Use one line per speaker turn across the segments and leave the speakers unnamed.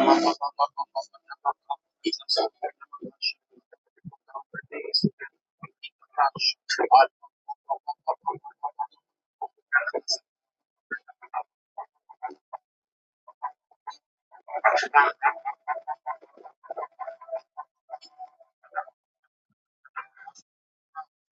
Thank you. Embrele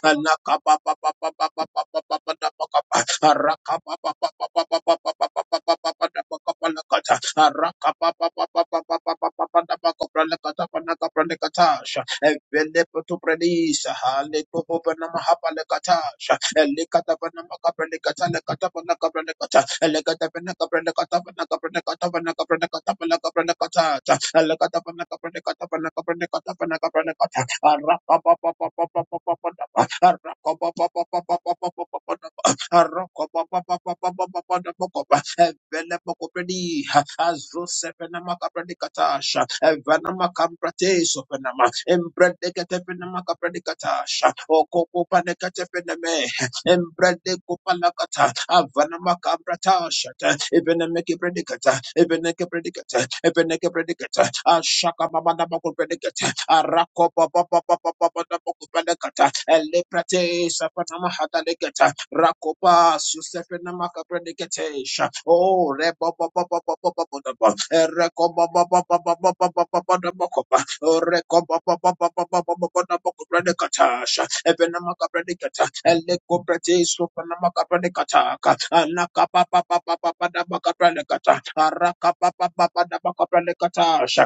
Rakapa even a predicate, even a predicate, Ashaka Mamma Predicate, a rakopa papa papa papa papa papa papa na poko pranikata. Ele pratei sepanama hada legeta. Rakopa, Joseph na maka pranikata. Oh, re baba papa papa papa papa papa papa na baba. Re baba papa papa papa papa papa papa na baba. Re baba papa papa papa papa papa papa na poko pranikata. Sevenama kapranikata. Ele ko pratei sepanama kapranikata. A na kapapa papa papa papa papa papa papa na poko pranikata. A rakapa papa papa papa papa papa papa na poko pranikata.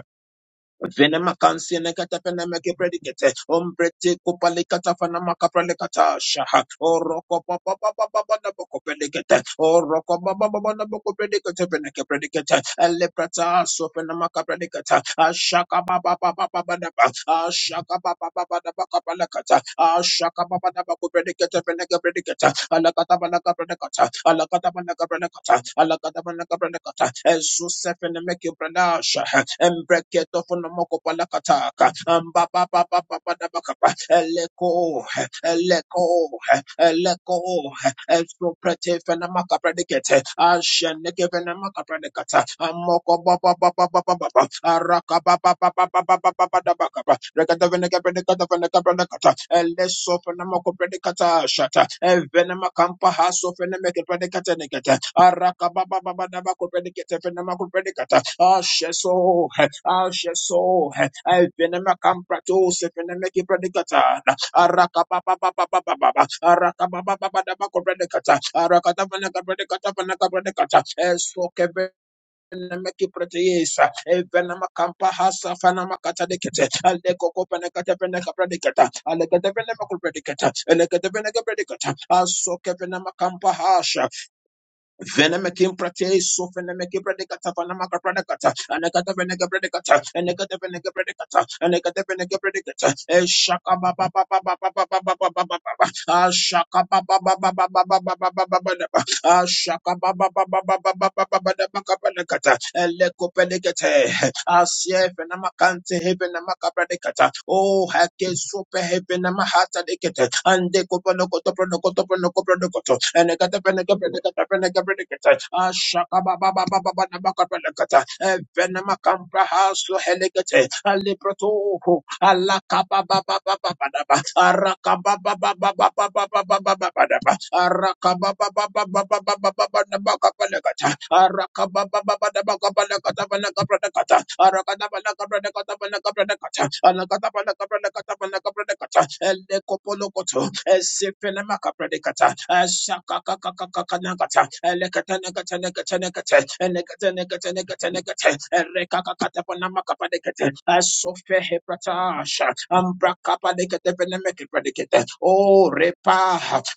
Venema kansene kata pene meke predicate. Ombrete kupale kata fana maka prele kata shaha. Oroko pa pa pa pa pa pa na boko predicate. Oroko pa pa pa pa na boko predicate pene ke predicate. Elle prata so pene maka predicate. Ashaka pa pa pa pa pa pa na pa. Alakababababababakapalakata. Ashakababababakupredikata-predikata. Alakatabalakabredikata. Alakatabalakabredikata. Alakatabalakabredikata. Esusefenemekibrenasha. Embreketofonomokopalakataka. Ambababababababakapa. Eleko. Eleko. Eleko. Estro prete fenamaka predicate. Asheneke fenamaka predicata. Amoko baba baba baba baba. Araka baba baba baba baba baba baba. Rekata veneka predicata veneka predicata. Eleso fenamako predicata shata. Evenamakampa haso fenemeke predicate negata. Araka baba baba dabako predicate fenamako predicata. Asheso. Asheso. Evenamakamprato se fenemeke predicata. Arakapapapapapapa. Arakapapapapapapapapapapapa. Arakatapalakapalakatapalakapalakata. Esokeve- Nameki proteyesa, evenama kampa hasa fanama kata Araka daba naka brede kata panaka brede kata. Eso kebe nemeki prete yesa. Evena makampa hasa fana makata dekete, ale koko pene kata pene kapra deketa, ale kata pene makul prediketa, ele kata pene kapra deketa, aso kevenama kampa hasha, Venemiki pratei, sovenemiki pratekata, vanamaka pratekata, anekata venenge pratekata, anekata venenge pratekata, anekata venenge pratekata, a shaka ba ba ba ba ba ba ba ba ba ba ba ba ba ba, a shaka ba ba ba ba ba ba ba ba ba ba ba ba ba, a shaka ba ba ba ba ba ba ba ba ba ba ba ba ba, vanamaka pratekata, elleko peligete. Asef and Amakante Heaven Amakabradekata. Oh Hake Super Heaven Amahata Dekata. And the Copanoko Pronocotopronocopronocoto. And the Catapenegabradekata Penegabradekata. Ashaka Baba Baba Baba Namakabradekata. Evenamakambra Haso Helegate. Aliprato. Araka ba ba ba ba ba ba ba ba ba ba ba ba ba ba. Araka ba ba ba ba ba ba ba ba ba ba ba ba ba. Araka ba ba ba ba ba ba ba ba ba ba ba ba ba ba. Araka ba ba ba ba ba ba ba ba ba ba ba ba ba ba. Araka ba ba ba ba ba ba ba ba ba ba ba ba ba ba. Araka ba ba ba ba ba ba ba ba ba ba ba ba ba ba. El dekopo lokoto el sifeni makaprendeka cha. Shakakakakakanakata, Elekatanakatanakatanakata, Elekatanakatanakatanakata, Erekakakatapanamakapadekata, Asofehepratasha, Ambrakapadekatepenemekepradekata, Oh, Repa,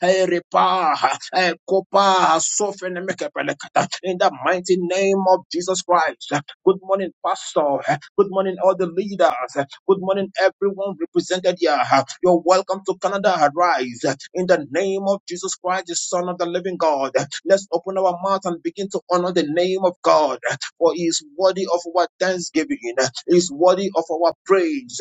eh, Repa, eh, Kopa, Sofenemekepradekata. in the mighty name of Jesus Christ. Good morning, Pastor. Good morning, all the leaders. Good morning, everyone represented here. Uh, You're welcome to Canada Rise in the name of Jesus Christ, the Son of the Living God. Uh, Let's open our mouth and begin to honor the name of God, uh, for He is worthy of our thanksgiving, uh, He is worthy of our praise.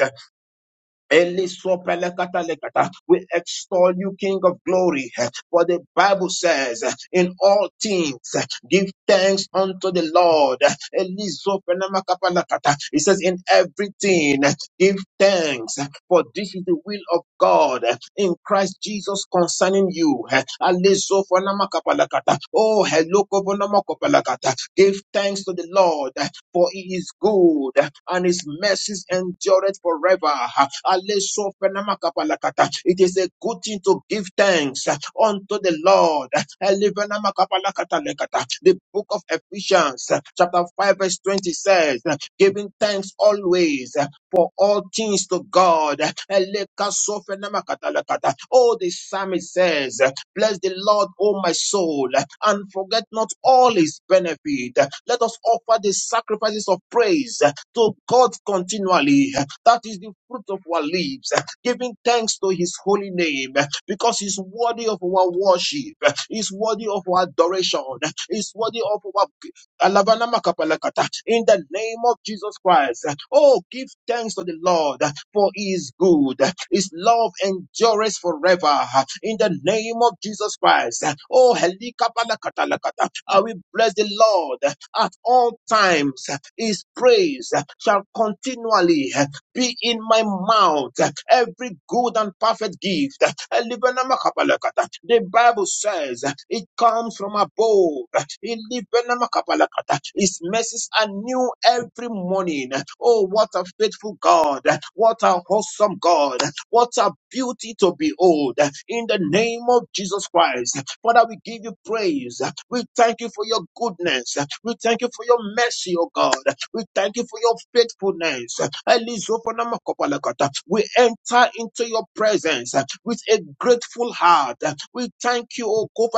Elisopelekatalekata. We extol you, King of glory. For the Bible says, in all things, give thanks unto the Lord. Elisopelemakapalakata. It says, in everything, give thanks, for this is the will of God in Christ Jesus concerning you. Elisoponamakapalakata. Oh, hello, Give thanks to the Lord for he is good and his mercies endureth forever. Aleso It is a good thing to give thanks unto the Lord. The book of Ephesians, chapter 5, verse 20 says, Giving thanks always for all things to God. Elekasofenamakatalekata. Oh, the psalmist says, Bless the Lord, O my soul, and forget not all his benefit. Let us offer the sacrifices of praise to God continually. That is the fruit of our lips, giving thanks to his holy name because he's worthy of our worship, he's worthy of our adoration, he's worthy of our Alavana makapalakata. In the name of Jesus Christ. Oh, give thanks to the Lord for he is good. His love endures forever. In the name of Jesus Christ. Oh, helikapalakatalakata. I will bless the Lord at all times. His praise shall continually be in my mouth every good and perfect gift. Elibenamakapalakata. The Bible says it comes from above. Elibenamakapalakata. His mercies are new every morning. Oh, what a faithful God! What a awesome God! What a beauty to behold! In the name of Jesus Christ, Father, we give you praise. We thank you for for your goodness. We thank you for your mercy, O God. We thank you for your faithfulness. We enter into your presence with a grateful heart. We thank you, O God,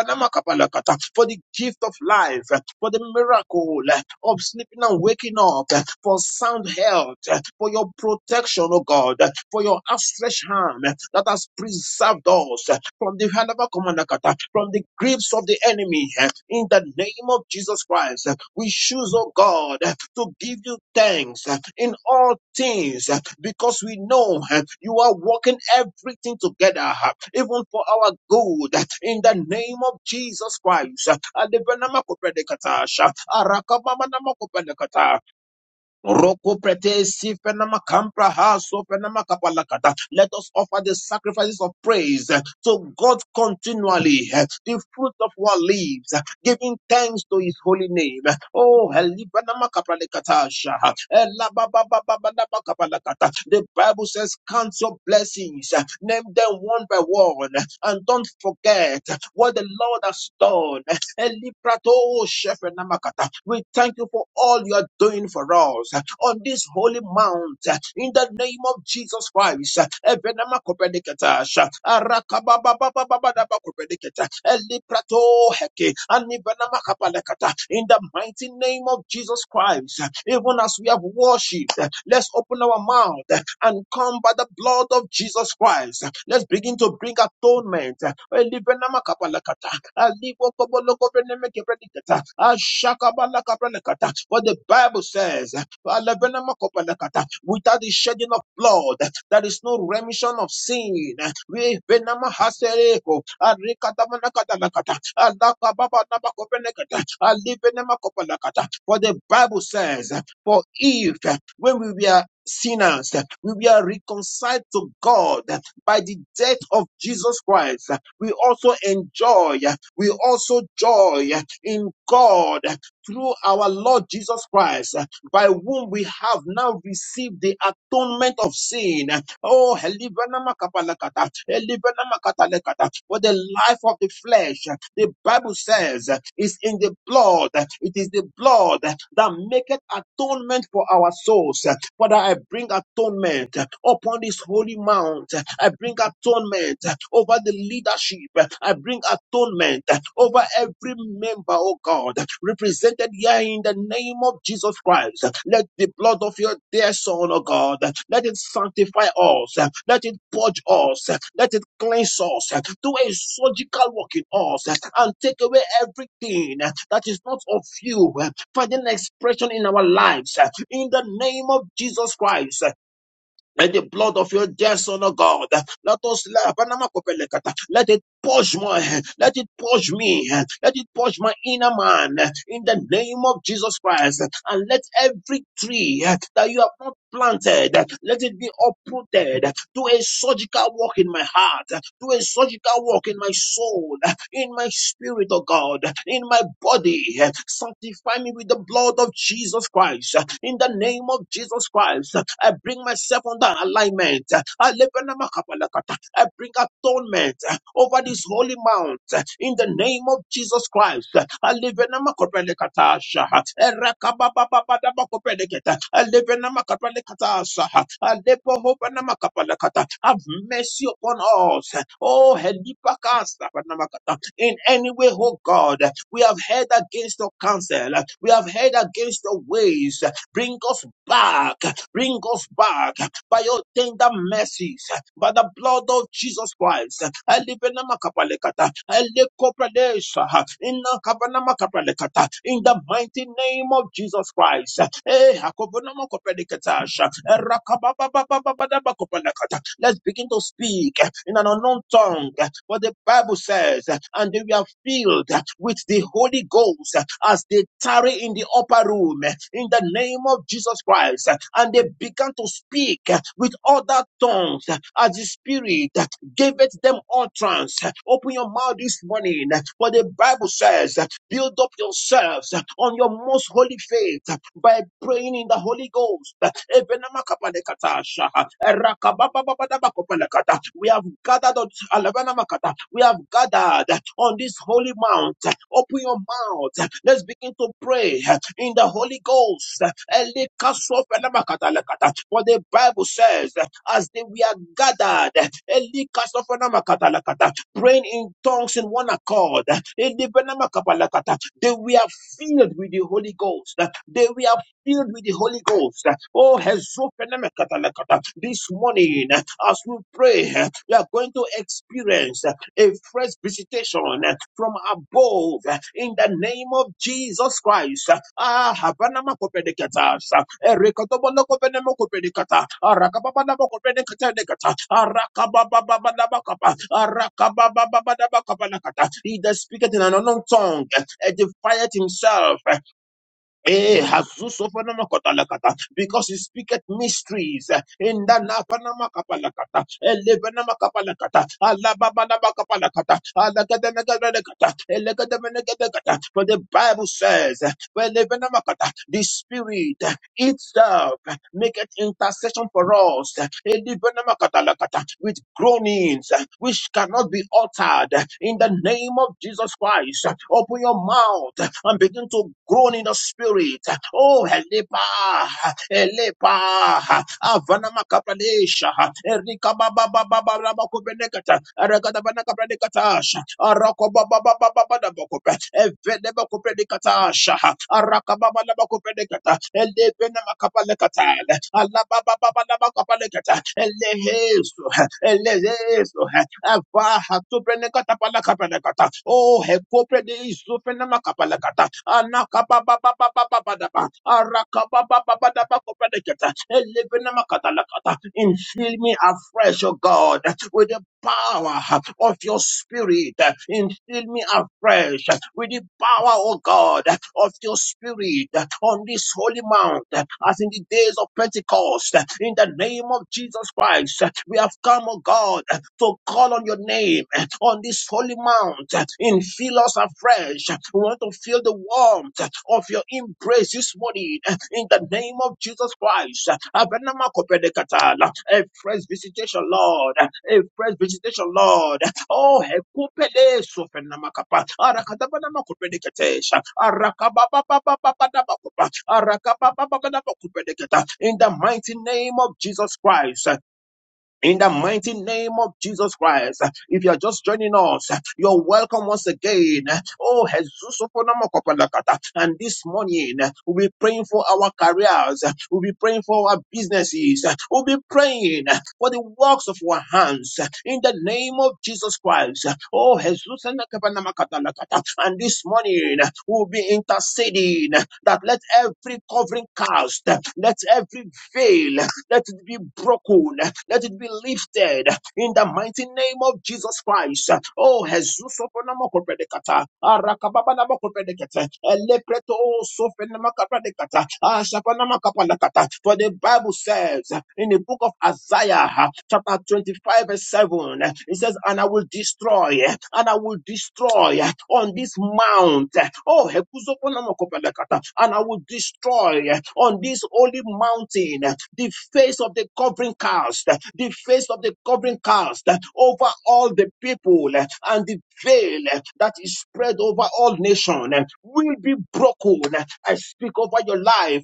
for the gift of life, for the miracle of sleeping and waking up, for sound health, for your protection, O God, for your outstretched hand that has preserved us eh, from the hand of a commanakata, from the grips of the enemy. eh, In the name of Jesus Christ, eh, we choose, oh God, eh, to give you thanks eh, in all things eh, because we know eh, you are working everything together, eh, even for our good. eh, In the name of Jesus Christ, eh, Alebenamakopenekatasha, Arakabamanamakopelekata, Roko prete si fenama kampra ha so fenama kapalakata. Let us offer the sacrifices of praise eh, to God continually, eh, the fruit of our lives, giving thanks to His holy name. eh. Oh, helibanama kapalakata sha. Elabababababanama kapalakata. the Bible says, Count your blessings, eh, name them one by one, eh, and don't forget eh, what the Lord has done. eh, Elibrato Shefenamakata. We thank you for all you are doing for us on this holy mount in the name of Jesus Christ. Evenamakopediketa sha. Arakababababababababakopediketa. Elibrato heke. Anivenamakapalekata. In the mighty name of Jesus Christ, even as we have worshipped, let's open our mouth and come by the blood of Jesus Christ. Let's begin to bring atonement. What the Bible says, without the shedding of blood, there is no remission of sin. We For the Bible says, for if when we were sinners, we were reconciled to God by the death of Jesus Christ. We also enjoy, we also joy in God through our Lord Jesus Christ, by whom we have now received the atonement of sin. Oh, Elivenamakapalakata, Elivenamakatalekata. for the life of the flesh, the Bible says, is in the blood. It is the blood that maketh atonement for our souls. Father, I bring atonement upon this holy mount. I bring atonement over the leadership. I bring atonement over every member, oh God, represented here in the name of Jesus Christ. Let the blood of your dear Son, oh God, let it sanctify us. Let it purge us. Let it cleanse us. Do a surgical work in us and take away everything that is not of you finding expression in our lives uh, in the name of Jesus Christ. uh, And the blood of your dear son, O God, uh, let us let it purge my let it purge me, uh, let it purge my inner man uh, in the name of Jesus Christ, uh, and let every tree uh, that you have not planted, uh, let it be uprooted. uh, Do a surgical work in my heart, uh, do a surgical work in my soul, in my spirit, oh God, in my body. Sanctify me with the blood of Jesus Christ. In the name of Jesus Christ, I bring myself under alignment. I bring atonement over this holy mount. In the name of Jesus Christ, I live in a makapalakatasha. Erakababababababakopeleketa. I live in a makapalakatasha. I live in a makapalakata. Have mercy upon us. Oh, helipakasa in any way, oh God. We have heard against your counsel. We have heard against your ways. Bring us back. Bring us back by your tender mercies, by the blood of Jesus Christ. In the mighty name of Jesus Christ. Eh, Let's begin to speak in an unknown tongue. What the Bible says, and they were filled with the Holy Ghost as they tarry in the upper room in the name of Jesus Christ. And they began to speak with other tongues as the Spirit gave it them utterance. Open your mouth this morning. For the Bible says, Build up yourselves on your most holy faith by praying in the Holy Ghost. We have gathered on we have gathered on this holy mount. Open your mouth. Let's begin to pray in the Holy Ghost. For the Bible says, as they we are gathered, praying in tongues in one accord. the Benama Kapalakata, They were filled with the Holy Ghost. They were filled with the Holy Ghost. Oh, Hezo Benama this morning, as we pray, we are going to experience a fresh visitation from above uh, in the name of Jesus Christ. Ah, Habanama Kopedicata, Ericotobolo Kopenemo Kopedicata, Arakababana Kopedicata, Arakabababababakapa, Arakabababababakapa, He that speaketh in an unknown tongue, uh, edifieth himself. uh, Eh, Hazusofanamakotalakata, Because he speaketh mysteries. In the Napanamakabalakata, Elevanamakabalakata, Alababanabakabalakata, Alagadanagadanagata, Elegadamanagadagata. For the Bible says, Elevenamakata, the Spirit itself maketh intercession for us Elibenamakadalakata, with groanings eh, which cannot be uttered in the name of Jesus Christ. eh, Open your mouth eh, and begin to groan in the spirit. Eh, Oh, Elipa, Elipa, Avanamakapradesha, Erikababababababababakubenekata, Erekatabanakabrandekatasha, Rabada Bokope, Eveneba Copredicata, Shaha, Arakababa Labacopredicata, Elebena Macapalecata, Alababa Labacapalecata, Elehesu, Elehesu, Avaha Tuprenecata Palacapalecata, Oh, Hecopredis, Suprenamacapalacata, Anacababa Badaba, Arakababa Badaba Copredicata, Elebena Macatalacata, infill me afresh arise, O God, with the power of your spirit. Instill me afresh with the power, O God, of your spirit on this holy mount, as in the days of Pentecost. In the name of Jesus Christ, we have come, O God, to call on your name on this holy mount and fill us afresh. We want to feel the warmth of your embrace this morning in the name of Jesus Christ. Abenama kopedekatala. A fresh visitation, Lord. A fresh visitation, Lord. Oh, hekupele sofenamakapa. Arakadabanama kopedekatesha. Arakababababababadabakopa. Arakabababababakopedekata. In the mighty name of Jesus Christ. In the mighty name of Jesus Christ, if you are just joining us, you're welcome once again. Oh, Jesus, Okonomokopalakata. and this morning we'll be praying for our careers, we'll be praying for our businesses, we'll be praying for the works of our hands. In the name of Jesus Christ, oh, Jesus, Nakapanamakatalatata. and this morning we'll be interceding that let every covering cast, let every veil let it be broken. Let it be lifted in the mighty name of Jesus Christ. Oh, Jesus, sofonamokopedekata. Arakababanamokopedekata. Elepreto sofenamakapedekata. Ashapanamakapanakata. For the Bible says in the book of Isaiah, chapter 25, verse 7, it says, And I will destroy, and I will destroy on this mountain mount. Oh, Hekuzoponamakopelekata, and I will destroy eh, on this holy mountain eh, the face of the covering cast, eh, the face of the covering cast eh, over all the people, eh, and the veil eh, that is spread over all nations will be broken. eh. I speak over your life.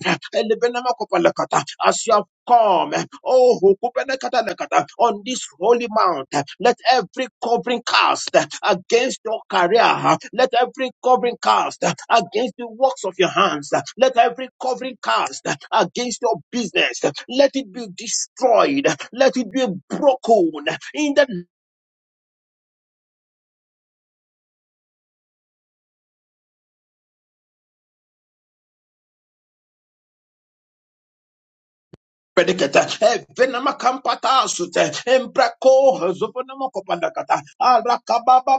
As you have come. Oh, hukupenekatalekata, on this holy mount, let every covering cast against your career, let every covering cast against the works of your hands, let every covering cast against your business, let it be destroyed, let it be broken in the Predicate, Venama Campata Sute, Embraco, Zoponamo Copandacata, Arakababa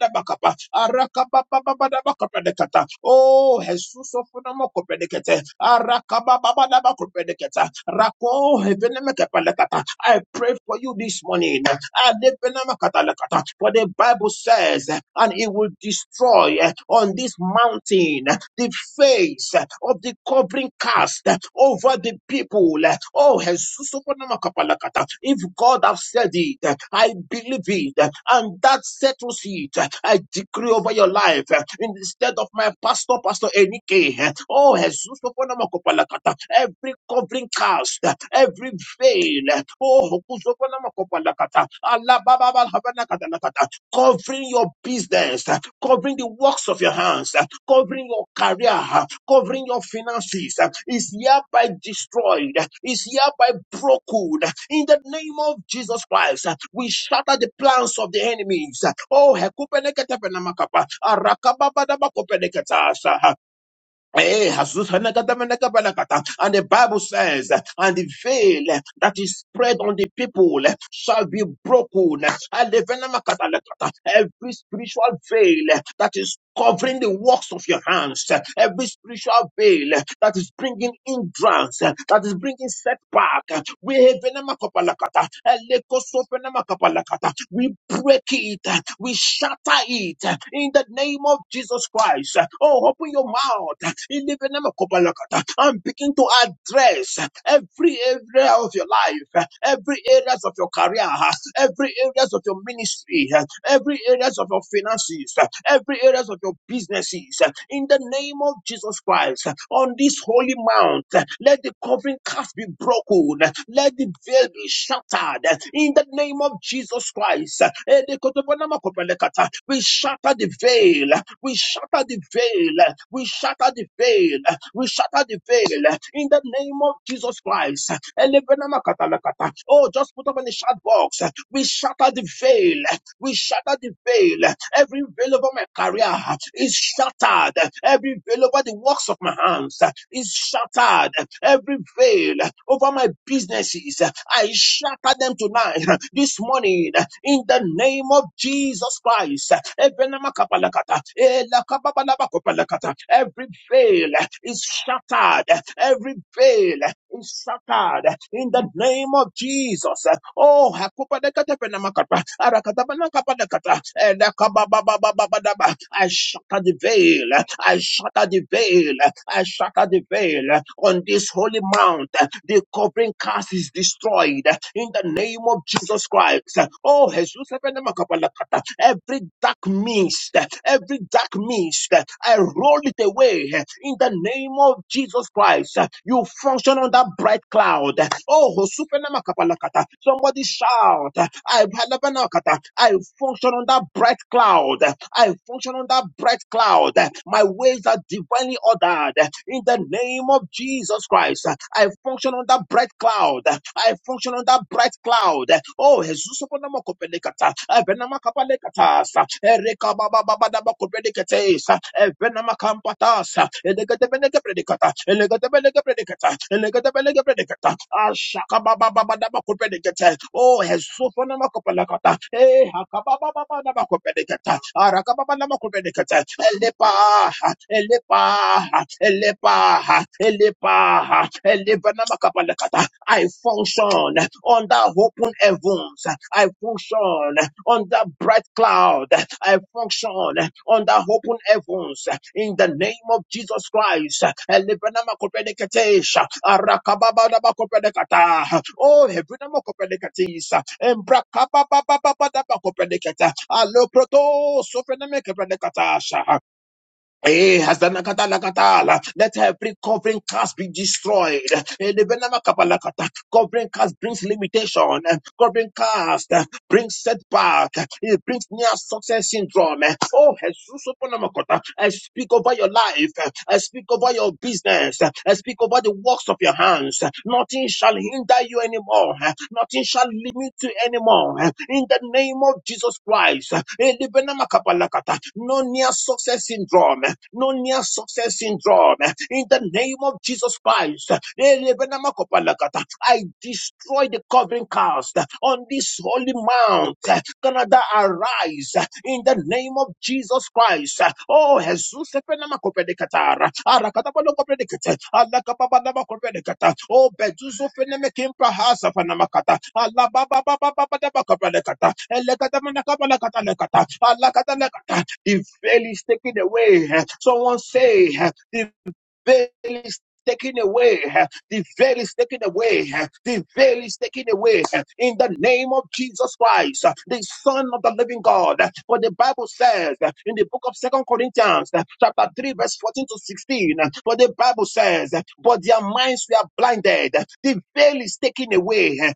Dabacapa, Arakababa Dabacapedicata, Oh, Jesus of Namoco Predicate, Arakababa Dabacapedicata, Rako, Venemacapalacata. I pray for you this morning. I live in a Catalacata, For the Bible says, and it will destroy on this mountain seen the face of the covering cast over the people. Oh, Jesus, if God has said it, I believe it, and that settles it. I decree over your life instead of my pastor, Pastor Enike. Oh, Jesus, every covering cast, every veil. Oh, Allah Baba Baba covering your business, uh, covering the works of your hands, uh, covering your career, uh, covering your finances, uh, is hereby destroyed, uh, is hereby broken. uh, In the name of Jesus Christ, uh, we shatter the plans of the enemies. uh, Oh, hekupenekete penamakapa, arakababadabakopeleketa, Eh, Jesus, And the Bible says, eh, and the veil eh, that is spread on the people eh, shall be broken. Every spiritual veil eh, that is covering the works of your hands, eh, every spiritual veil eh, that is bringing hindrance, eh, that is bringing setback, eh, we We break it, eh, we shatter it eh, in the name of Jesus Christ. Oh, open your mouth in the name of Kopalakata and begin to address every area of your life, every areas of your career, every areas of your ministry, every areas of your finances, every areas of your businesses. In the name of Jesus Christ, on this holy mount, let the covering cast be broken, let the veil be shattered. In the name of Jesus Christ, we shatter the veil. We shatter the veil. We shatter the veil. We shatter the veil. In the name of Jesus Christ. elebenamakata Oh, just put up in the chat box. We shatter the veil. We shatter the veil. Every veil over my career is shattered. Every veil over the works of my hands is shattered. Every veil over my businesses, I shatter them tonight. This morning in the name of Jesus Christ. Every veil is shattered. Every veil is shattered in the name of Jesus. Oh, I shatter the veil. I shatter the veil. I shatter the veil on this holy mount. The covering cast is destroyed destroyed uh, in the name of Jesus Christ. Oh, Jesus, every dark mist, uh, every dark mist, uh, I roll it away uh, in the name of Jesus Christ. Uh, You function on that bright cloud. Oh, Hosupenamakapalakata. somebody shout. uh, I Palabanakata. I function on that bright cloud. I function on that bright cloud. My ways are divinely ordered uh, in the name of Jesus Christ lives. I function on that bright cloud. I function on that bright cloud. Oh, Jesus, upon the Mokopelekata, Ebenamakapalekatas, Ereka Baba Baba Daba Kopelekates, Ebenamakampatas, Elegatebeneke Predicata, Elegatebeneke Predicata, Elegatebeneke Predicata, Ashaka Baba Baba Daba Kopelekate, Oh, Jesus, upon the Mokopelekata, Eh, Hakababa Baba Daba Kopelekata, Arakababa Daba Kopelekata, Elepa, Elepa, elepa, elepa, elevanamakabalakata. I function under open heavens. I function under bright cloud. I function under open heavens. In the name of Jesus Christ. Elevanamakopenekatesha. Arakababadabakopelekata. Oh, Hebrinamokopenekatis. Embrakababababababakopelekata. Aloproto, Sofenemekepelekatasha. Eh, hazanakatalakatala. Let every covering cast be destroyed. Eh, lebenama kapalakata. Covering cast brings limitation. Covering cast brings setback, it brings near success syndrome. Oh, Jesus, upon the Makota, I speak over your life, I speak over your business, I speak over the works of your hands. Nothing shall hinder you anymore, nothing shall limit you anymore. In the name of Jesus Christ, Elibena Makapalakata, no near success syndrome, no near success syndrome. In the name of Jesus Christ lives. I destroy the covering cast on this holy mount. Canada, arise in the name of Jesus Christ. Oh, Jesus, Efenamakopedekatara. Allah Alakababanamakopedekata. Oh, Beduzo Fenemekimprahasa Fanamakata. Alabababababababakopedekata. Elekatamanakabalakatalekata. Alakatalekata. The veil is taken away. Someone say, the veil is taken away. huh? The veil is taken away. huh? The veil is taken away. huh? In the name of Jesus Christ, huh? the Son of the Living God. huh? For the Bible says huh? in the book of Second Corinthians, huh? chapter 3, verse 14 to 16. huh? For the Bible says, huh? But their minds were blinded. huh? The veil is taken away. huh?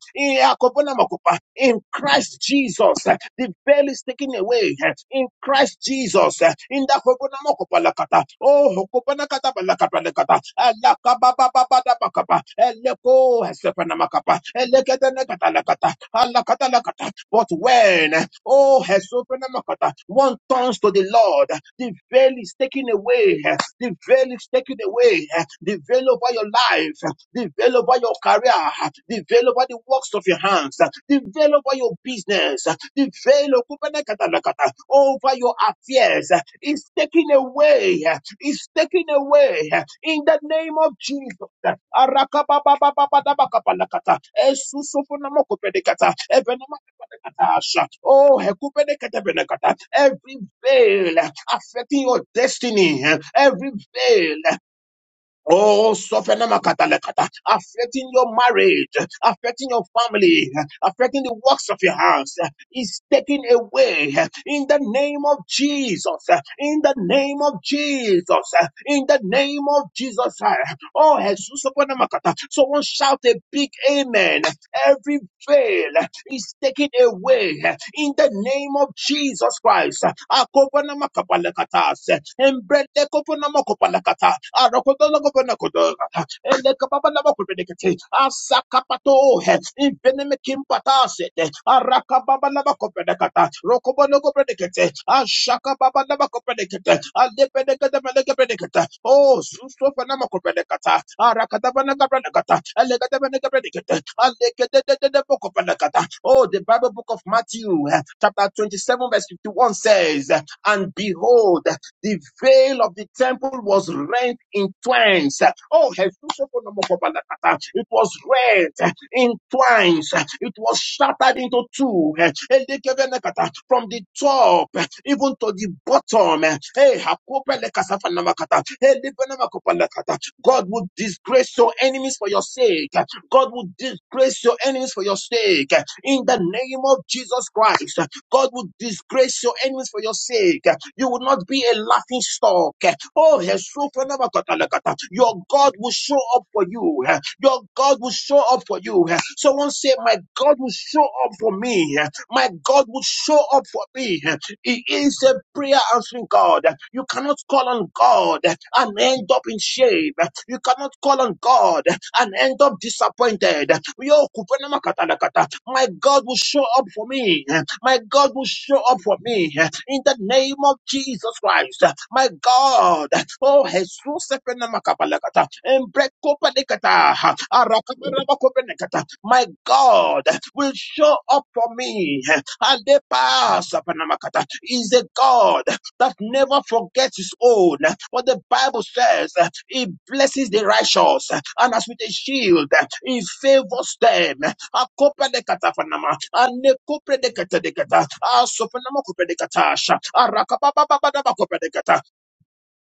In Christ Jesus, huh? the veil is taken away. huh? In Christ Jesus. eh, Inda hokona moko palakata. Oh, hokopana kata palakata lekata. Alaka baba baba da bakapa. Eleko hesepana makapa. Elekete nekata lekata. Alakata lekata. But when, oh, eh, oh, hesopana makata, one turns to the Lord, the veil is taken away. eh, The veil is taken away. eh, The veil over your life. eh, The veil over your career. eh, The veil over the work works of your hands, uh, Prevail over your business, uh, Prevail okupenekatalakata, over your affairs. uh, It's taken away, uh, it's taken away uh, in the name of Jesus. uh, Arakababababababakapalakata, Esusofonamokopenekata, Evenemakapalakatasha, Oh, Hekupenekatabenekata, every veil uh, affecting your destiny, uh, every veil Oh, sofenamakadalekata, affecting your marriage, affecting your family, affecting the works of your hands, is taken away in the name of Jesus, in the name of Jesus, in the name of Jesus. Oh, Jesus, someone shout a big amen. Every veil is taken away in the name of Jesus Christ. Akopanamakabalakatas, Embredekoponamakopalakata, Arokodolakoponakodora, Elekababanamakopedekete, Asakapato, Invenemekimbatase, laba kopedekata rokobo nogo predikete ashaka baba laba kopedekete alepedekete meleke predikete oh suso fanama kopedekata arakata banaka predikata elekete meneke predikete alekete de boko predikata oh the Bible book of Matthew eh, chapter 27 verse 51 says and behold the veil of the temple was rent in twains. Oh, Jesus, it was rent in twines. It was shattered into two. From the top even to the bottom. Hey, God would disgrace your enemies for your sake. God will disgrace your enemies for your sake. In the name of Jesus Christ, God will disgrace your enemies for your sake. You will not be a laughing stock. Oh, your God will show up for you. Your God will show up for you. Someone say, My God will show up for me. My God will show up for me. He is a prayer answering God. You cannot call on God and end up in shame. You cannot call on God and end up disappointed. Yo, kupenema katalakata. My God will show up for me. My God will show up for me. In the the name of Jesus Christ. My God, oh Jesus, Sepanamakapalakata, Embrekopalikata, Arakabarabakopenekata. my God will show up for me. Alepa Sapanamakata is a God that never forgets his own. What the Bible says, he blesses the righteous, and as with a shield, he favors them akopra de kata fanama ane kopra de kata de kata asofanama kopra de katasha arakapa baba baba kopra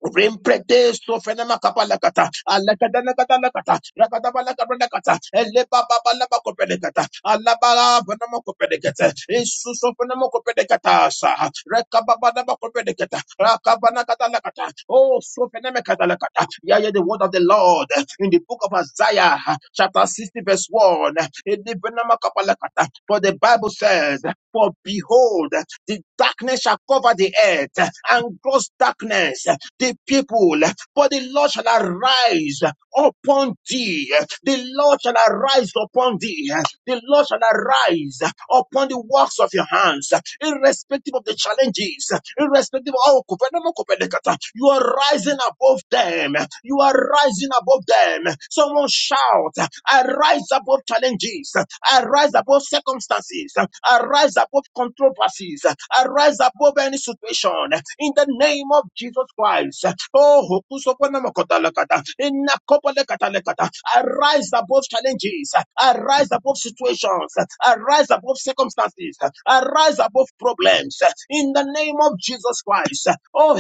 Rimprede sofenema kapalakata, alakadanakadanakata, rakadabalakabrandakata, elebababalabakopelegata, alabalabanamakopelegata, isusofenemokopelegata, sa, rekababadabakopelegata, rakabanakadanakata. Oh, sofenemekatalakata. Yeah, yeah, the word of the Lord in the book of Isaiah, chapter 60, verse 1. elebenemakapalakata. For the Bible says, For behold, the darkness shall cover the earth, and gross darkness the people. But the Lord shall arise upon thee. The Lord shall arise upon thee. The Lord shall arise upon the works of your hands, irrespective of the challenges, irrespective of how you are rising above them. You are rising above them. Someone shout, I rise above challenges, I rise above circumstances, I rise above controversies. Arise above any situation in the name of Jesus Christ. Oh, hukusoponamokotalakata, inakopolekatalekata. arise above challenges, arise above situations, arise above circumstances, arise above problems in the name of Jesus Christ. Oh,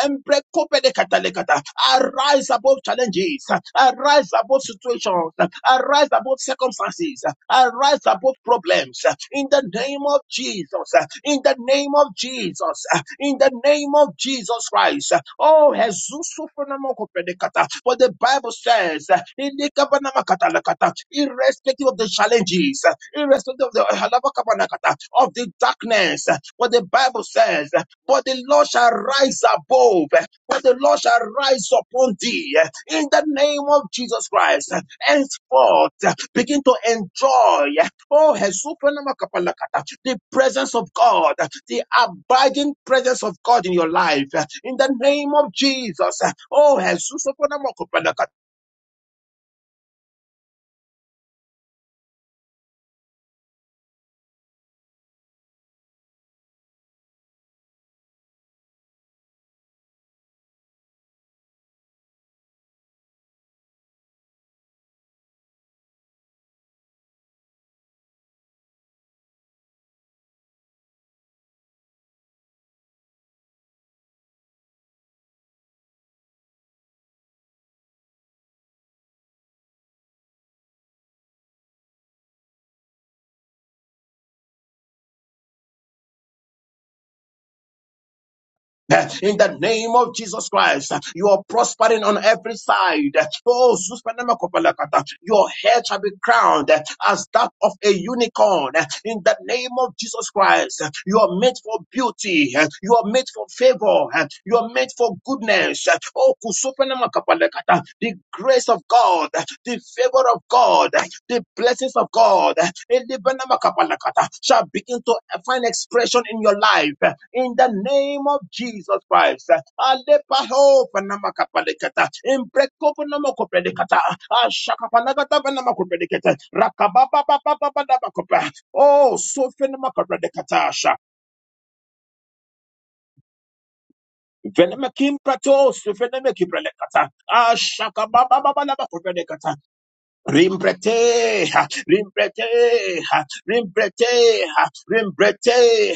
Jesus, arise above challenges, Arise above situations. Arise above circumstances. Arise above problems. In the name of Jesus. In the name of Jesus. In the name of Jesus Christ. Oh, Jesus. For the Bible says, irrespective of the challenges, irrespective of the of the darkness, what the Bible says but the Lord shall rise above, but the Lord shall rise upon thee in the name of Jesus Christ. Henceforth, begin to enjoy, oh, Hesupanamakapanakata, the presence of God, the abiding presence of God in your life in the name of Jesus. Oh, Jesus, In the name of Jesus Christ, you are prospering on every side. Oh, Suspanemakobalakata, your head shall be crowned as that of a unicorn. In the name of Jesus Christ, you are made for beauty. You are made for favor. You are made for goodness. Oh, Kusupanamakabalakata, the grace of God, the favor of God, the blessings of God, Elebenamakapalakata, shall begin to find expression in your life in the name of Jesus Christ. Alepahopanamakapalikata, Imbrekopanamakopelikata, Ashakapalakatapanamakopelikata, Rakabababababababababa. Oh, so Sha. Venemakim pratos, venemeki prelekata. Ashaka baba baba Baba Baba Baba Rimbrete, rimbrete, rimbrete, rimbrete,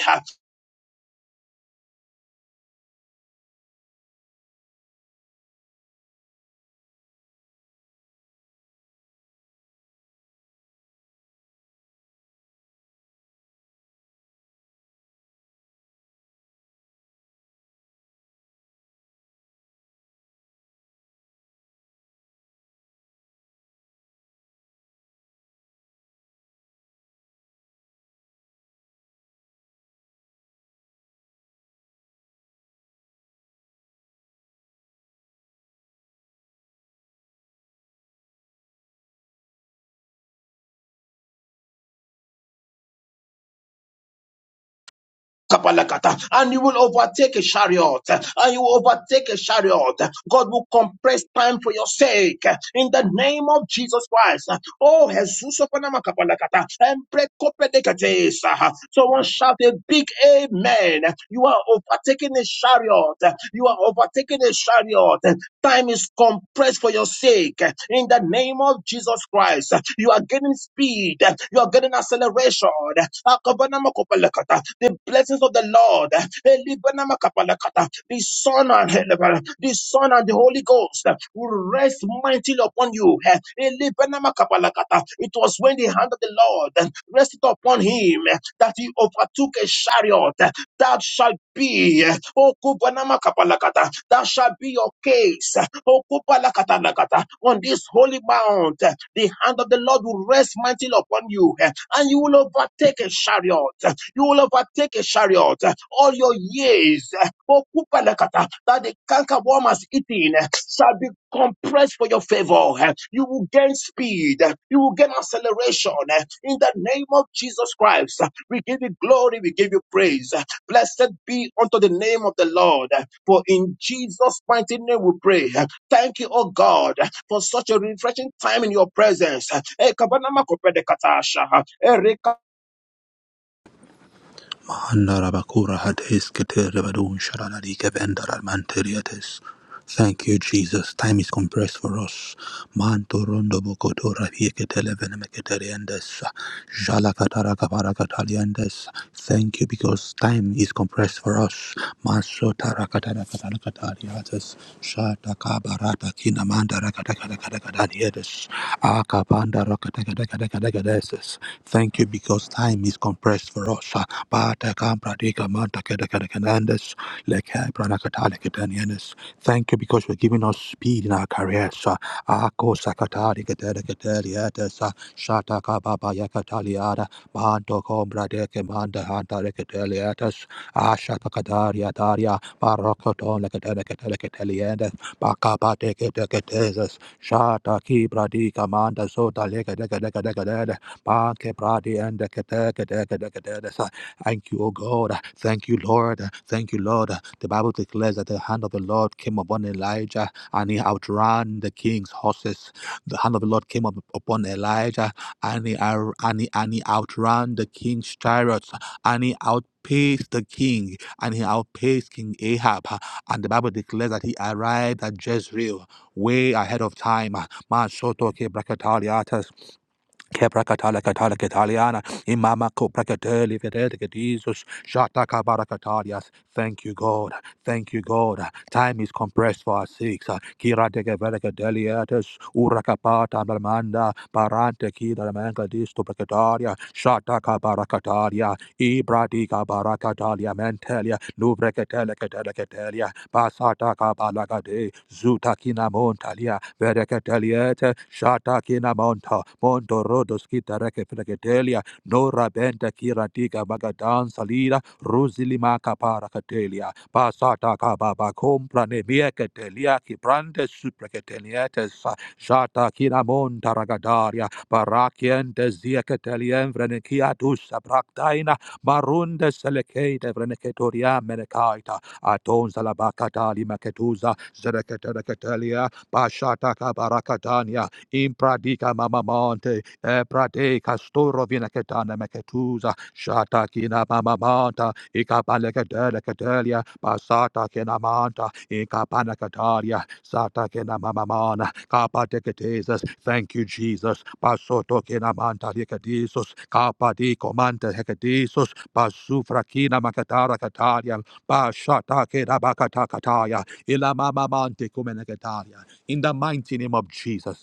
kapalakata. And you will overtake a chariot. And you will overtake a chariot. God will compress time for your sake. In the name of Jesus Christ. Oh, Jesus of Panama kapalakata. Empre kopedekates, Someone shout a big amen. You are overtaking a chariot. You are overtaking a chariot. Time is compressed for your sake. In the name of Jesus Christ, you are getting speed. You are getting acceleration. The blessings of the Lord. The Son and the Son and the Holy Ghost will rest mightily upon you. It was when the hand of the Lord rested upon him that he overtook a chariot that shall be. Okubanamakabalakata. That shall be your case. Okubalakatalakata. On this holy mount, the hand of the Lord will rest mightily upon you, and you will overtake a chariot. You will overtake a chariot all your years. Okubalakata. That the canker worm has eaten shall be compressed for your favor. You will gain speed. You will gain acceleration. In the name of Jesus Christ, we give you glory. We give you praise. Blessed be unto the name of the Lord. For in Jesus' mighty name we pray. Thank you, oh God, for such a refreshing time in your presence. Eh, kabanama kopede katasha. Eh,
Thank you, Jesus. Time is compressed for us. Manto rondo bokoto rabiekete levenemeketeriendes. Jalakatarakavarakataliendes. Thank you because time is compressed for us. Maso tara katara katara katariates. Shata Rata kina manda rakata kata kata kata diedes. Aka panda rakata kata kata kata kata eses. Thank you because time is compressed for us. Bata kampra dika manta kata kata kata andes. Leke prana kata leke danienes. Thank you because you're giving us speed in our careers. Ako sakata dika kata kata dietes. Shata kababa yakata liada. Banto kombra deke manda hanta leke dietes. Ashata kata diataria. Barokoton leke deke deke deke Bakapa teke teke tezes. Shata ki bradi kamanda sota leke deke deke deke dede. Pake bradi and deke teke deke deke dedes. Thank you, O God. Thank you, Lord. Thank you, Lord. The Bible declares that the hand of the Lord came upon Elijah and he outran the king's horses. The hand of the Lord came up upon Elijah and he, ar- and he, and he outran the king's chariots and he out. outpaced the king and he outpaced King Ahab and the Bible declares that he arrived at Jezreel way ahead of time. Man soto ke brakataliatas ke brakatala katala kataliana imama ko brakateli vedete ke Jesus shata ka barakatalias. Thank you God. Thank you God. Time is compressed for us six. Kira de ke brakataliatas urakapata bramanda parante ki dramanga disto brakatalia shata ka barakatalia ibradi ka barakatalia mentelia nubrekatele katele Basata Kabalagade, Zutakina Montalia, Verecateliete, Shatakina Monta, Montorodoskita Recapregetelia, Nora Benta Kirantika Magadan Salida, Rusilima Caparacatelia, Basata Kababa Compra Nemieketelia, Kibrande Suprecatelietes, Shatakina Montaragadaria, Barakiente Ziecatelien Vrenikiatus Abraktaina, Marunde Selecate Vreneketoria Menekai. Aton bakatali Maketuza, zereketereketelia bashata kabarakatania Impradika Mamamonte, Eprade Castoro Vinacetana Maketuza, shata Shatakina Mamamanta, Icapalecatelia, Basata Kenamanta, Icapanacataria, Sata Kenamamana, Capatecatesus, thank you, Jesus, Basoto Kenamanta Licadisus, kapadi komante Hecadisus, Basufra Kina makatara Cataria, Ba shata ke da kataya. Ila ma ma ma kumenekataria. In the mighty name of Jesus.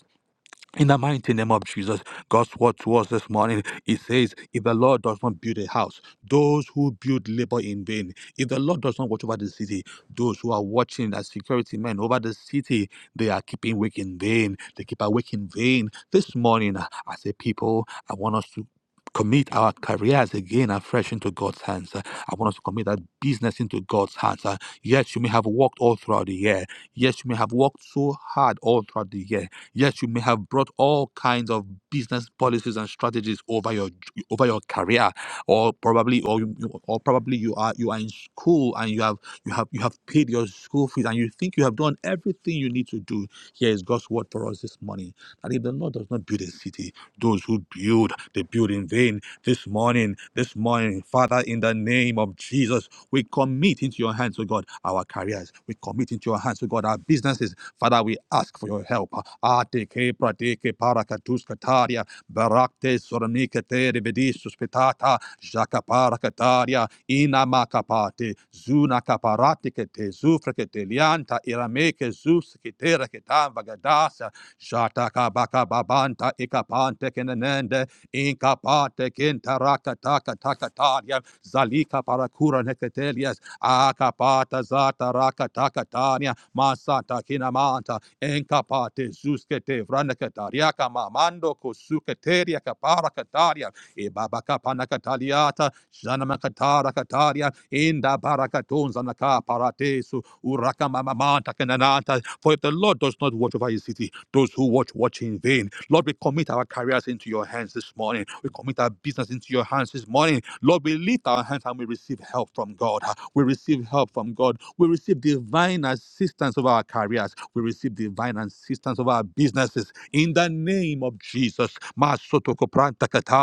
In the mighty name of Jesus, God's word to us this morning, it says, If the Lord does not build a house, those who build labor in vain. If the Lord does not watch over the city, those who are watching as security men over the city, they are keeping awake in vain. They keep awake in vain. This morning, uh, as a people, I want us to commit our careers again afresh into God's hands. Uh, I want us to commit that business into God's hands. Uh, Yes, you may have worked all throughout the year. Yes, you may have worked so hard all throughout the year Yes, you may have brought all kinds of business policies and strategies over your over your career, or probably or you, you- or probably you are you are in school and you have you have you have paid your school fees and you think you have done everything you need to do. Here is God's word for us this morning: that if the Lord does not build a city, those who build they build in vain. This morning, this morning, Father, in the name of Jesus, we commit into your hands, O God, our careers. We commit into your hands, O God, our businesses Father, we ask for your help. Ateke prateke parakatus kataria, barakte soramike te revedis suspetata, jakapara kataria, inamakapate, zuna kaparate kete, zufra lianta, irameke zus ketera ketan vagadasa, jataka baka babanta, ikapante kenenende, Inkapate kintaraka taka taka tania Zalika parakura neketelias. Akapata zata raka taka tania. Masata kinamanta. Inkapate zuskete vranaketariaka mamando kosuketeria kapara kataria. Ibabaka panakataliata, Janamakatara Inda barakatunza naka paratesu, Uraka mamamanta For if the Lord does not watch over his city, those who watch watch in vain. Lord, we commit our careers into your hands this morning. We commit our business into your hands this morning. Lord, we lift our hands and we receive help from God. We receive help from God. We receive divine assistance of our careers. We receive divine assistance of our businesses. In the name of Jesus.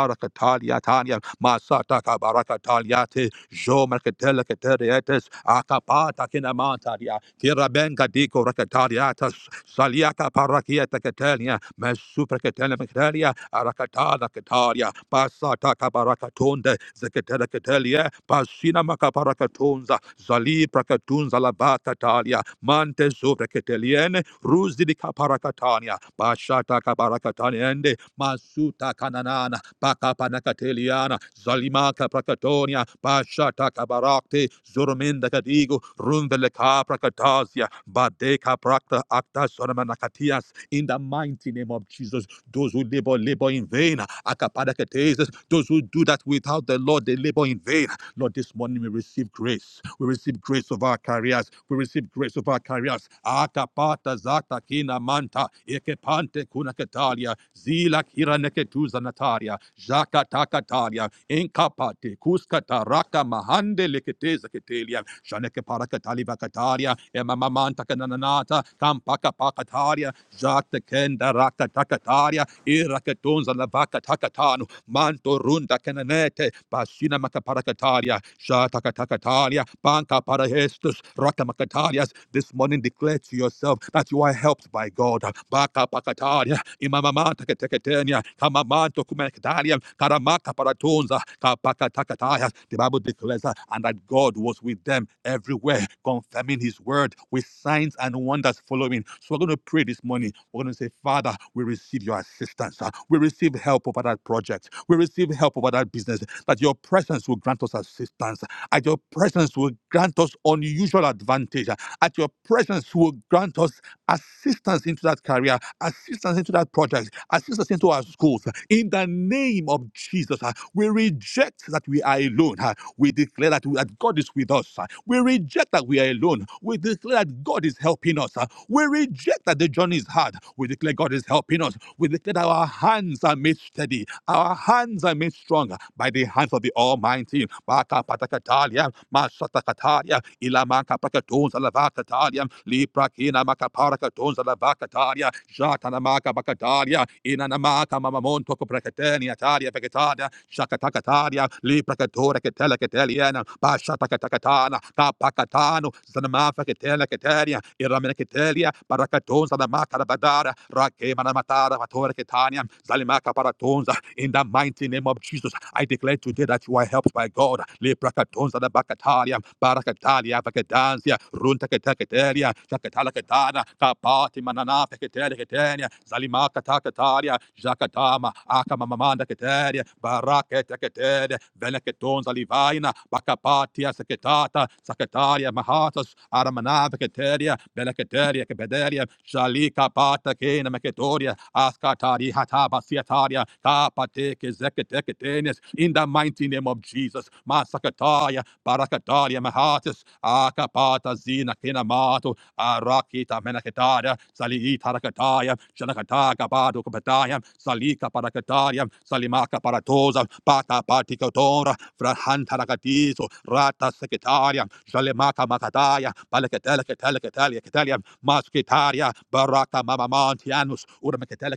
Barakatalia Tanya Masata Barakataliate Jo Mercatella Caterietes Acapata Kinamantaria Tirabenga Dico Racatariatas Saliaka Parakieta Catania Mesupra Catena Macatalia Aracatana Cataria Pasata Cabaracatonde Zacatella Catelia Pasina Macaparacatonza Zali Pracatunza La Bacatalia Mante Supra Cateliene Ruz di Caparacatania Bashata Cabaracataniende Masuta Cananana Pakapanakateliana, Zalimaka Prakatonia, Pashata Kabarakte, Zurminda Kadigo, Rundeleka Prakatasia, Badeka Prakta Akta Sonamanakatias, in the mighty name of Jesus. Those who labor, labor in vain. Akapadakatesis. Those who do that without the Lord, they labor in vain. Lord, this morning we receive grace. We receive grace of our careers. We receive grace of our careers. Akapata zata kina manta. Ekepante kuna ketalia. Zila kira neketuza nataria. Jaka takataria. Inkapate kuskata raka mahande leketeza Ezeketelia, Shaneke Parakatali Vakataria, Emamamanta Kananata, Kampaka Pakataria, Jacta Kenda Raka Takataria, Irakatunza Lavaka Takatanu, Manto Runda Kananete, Basina Makaparakataria, Shatakatakaria, Banka Parahestus, Rakamakatarias. This morning declare to yourself that you are helped by God. Baka Pakataria. Baria, Imamamanta Katekatania, Kamamanto Kumakataria, Karamaka Paratonza, Kapakatakataya. The Bible declares that, and that God was with them everywhere, confirming his word with signs and wonders following. So we're going to pray this morning. We're going to say, Father, we receive your assistance. Uh, We receive help over that project. We receive help over that business. That your presence will grant us assistance. At your presence will grant us unusual advantage. Uh, At your presence will grant us assistance into that career, assistance into that project, assistance into our schools. In the name of Jesus, uh, we reject that we are alone. uh, We declare that, we, that God is with us. uh, We reject that we are alone. We declare that God is helping us. uh, We reject that the journey is hard. We declare God is helping us. We declare that our hands are made steady. Our hands are made stronger by the hands of the Almighty. Baka patakatalia, masatakatalia, ilamaka pakatons alavakatalia, liprakina Inanamaka paraka tonza la vacataria, Shatanamaka bacataria, Inanamaka mamamonto coprecatania taria vegetaria, Shakatacataria, Lipracatora catella cataliana, Pashatakatacatana, Tapacatano, Zanamafa catella cataria, Iramenacatelia, Paracatonza la macara badara, Rakemana matara, Matora catania, Zalimaka paratonza, in the mighty name of Jesus, I declare today that you are helped by God. Leprakatonza da bakatalia, barakatalia, vakadansia, runta katakatalia, takatala kapati manana, pekateria katania, zalima katakatalia, akamamanda akamamamanda katalia, baraketa katalia, velekatonza livaina, bakapatia sekatata, sakatalia, mahatas, aramana vakateria, velekateria, kabederia, shalika pata kena meketoria, askatari hataba siataria, ah, partake, zeketeketenes, in the mighty name of Jesus. Masakataya, Barakataya, Mahatis, Akapata, Zina, Kinamato, Arakita, Menakataya, Saliita, Rakataya, Shanakataka, Bado, Kapataya, Salika, Parakataya, Salimaka, Paratosa, Pata, Patikotora, Frahanta, Rakatizo, Rata, Secretaria, Shalemaka, Makataya, Palakatela, Katalia, Katalia, Katalia, Maskitaria, Baraka, Mamamantianus, Urmakatela,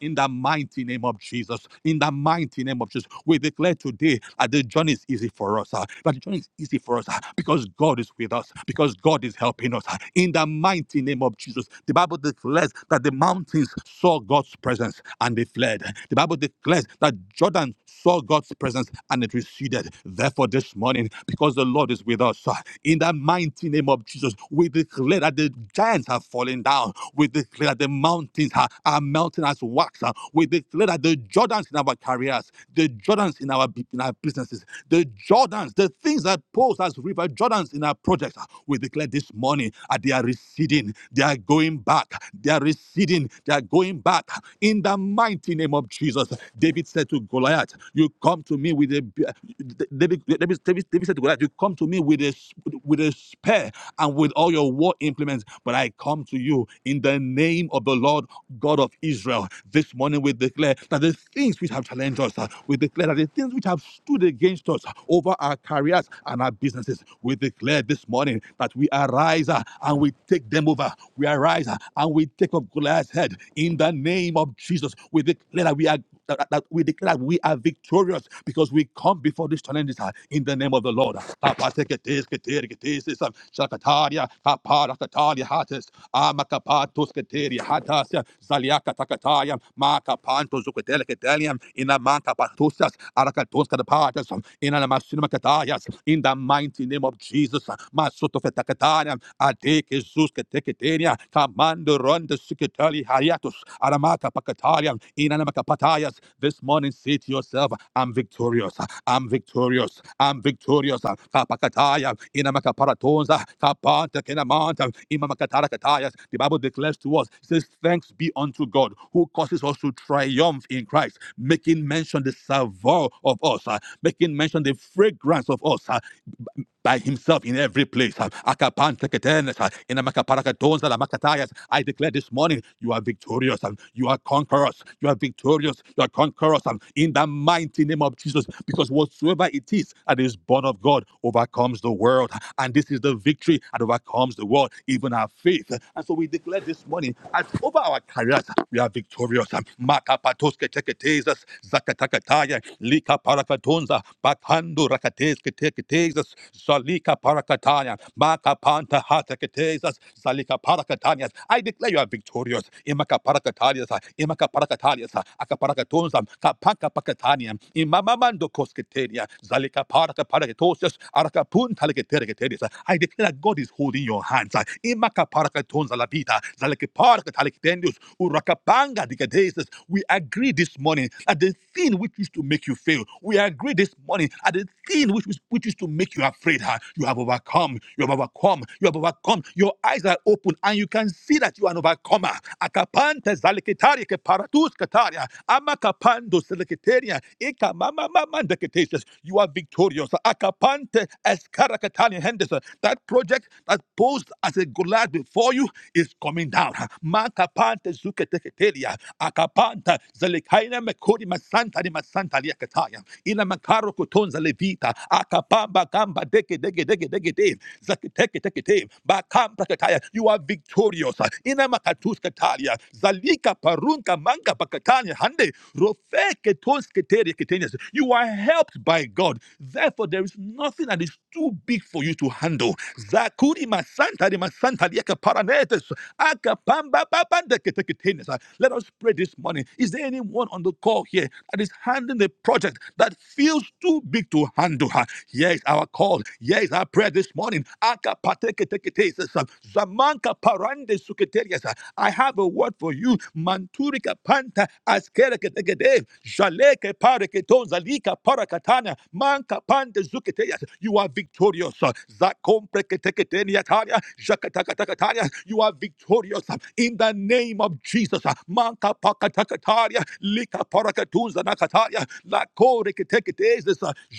in the mighty name of Jesus. In the mighty name of Jesus, we declare today that the journey is easy for us. ah, That the journey is easy for us ah, because God is with us, because God is helping us. ah. In the mighty name of Jesus, the Bible declares that the mountains saw God's presence and they fled. The Bible declares that Jordan saw God's presence and it receded. Therefore, this morning, because the Lord is with us, ah, in the mighty name of Jesus, we declare that the giants are falling down. We declare that the mountains are, are melting as wax. ah. We declare that the Jordans in our careers, the Jordans in our in our businesses, the Jordans, the things that pose as river Jordans in our projects, ah, we declare this morning that they are receding, they are going back, they are receding, they are going back. In the mighty name of Jesus, David said to Goliath, "You come to me with a David, David, David, David said to Goliath, you come to me with a with a spear and with all your war implements, but I come to you in the name of the Lord God of Israel. This morning we declare declare that the things which have challenged us, uh, we declare that the things which have stood against us uh, over our careers and our businesses, we declare this morning that we arise uh, and we take them over. We arise uh, and we take up Goliath's head in the name of Jesus. We declare that we are that, that we declare we are victorious because we come before these challenges ah, in the name of the Lord. ah, in the mighty name of Jesus. ah, masotofetakataria, ronda secretary Hariatus, Aramata Pakatarian, Inanamaka Patayas. This morning, say to yourself, I'm victorious. I'm victorious. I'm victorious. Kapakataya, Inamaka Paratonza, Kapanta Kenamanta, Imamakatara Katayas. The Bible declares to us, it says, Thanks be unto God who causes us to triumph in Christ, making mention the savour of us, uh, making mention the fragrance of us, uh, by himself in every place. Akapan teketenes, in a makaparakatons, la makatayas, I declare this morning, you are victorious. and You are conquerors. You are victorious. You are conquerors. and In the mighty name of Jesus, because whatsoever it is that is born of God overcomes the world. And this is the victory that overcomes the world, even our faith. And so we declare this morning, as over our careers, we are victorious. Makapatoske teketezas, zakatakataya, lika parakatonza, bakando rakateske teketezas, zalika parakataya, makapanta Hatake parakatesas, salika parakatanias. I declare you are victorious. Imaka parakatalias, imaka parakatalias, akaparacatunzam, kapaka pakataniam, imamamando kosketenia, zalika paraka parakatosias, arakapun talikaterikateris. I declare that God is holding your hands. Imaka parakatunza la vida, zalika parakatalikitendius, urakapanga dikadesis. We agree this morning that the thing which used to make you fail, we agree this morning at the thing which, was- which used to make you afraid, huh, you have overcome overcome. You have overcome. You have overcome. Your eyes are open and you can see that you are an overcomer. Akapante zalikitaria ke paratus kataria. Amakapando selikitaria. Ika mama mama ndeketesias. You are victorious. Akapante eskarakatani hendes. That project that posed as a Goliath before you is coming down. Makapante zuketeketeria. Akapanta zelikaina mekori masanta ni masanta liakataya. Ina makaro kutonza levita. Zakata, Akapamba Kamba Deke Deke Deke Deke Deke Zakiteke Teke Te, Bakamba Kataya. You are victorious. Ina Makatus Katalia, Zalika Parunka Manka Pakatania Hande, Rofe Ketos Keteria Ketenias. You are helped by God. Therefore, there is nothing that is too big for you to handle. Zakuri Masanta de Masanta Lieka Paranetes, Akapamba Babanda Keteketenias. Let us pray this morning. Is there anyone on the call here that is handling the project? project that feels too big to handle. Ah, Here is our call. Here is our prayer this morning. Aka pateke teke te, says, um, Zamanka parande suketerias. Ah, I have a word for you. Manturika panta askereke teke de. Jaleke pareke ton zalika parakatana. Manka pande zuketerias. You are victorious. Ah, Zakompre keteke teniataria. Jakatakatakaria. You are victorious. Ah, In the name of Jesus. Ah, Manka pakatakaria. Lika parakatunza nakataya. Lako reketeketes.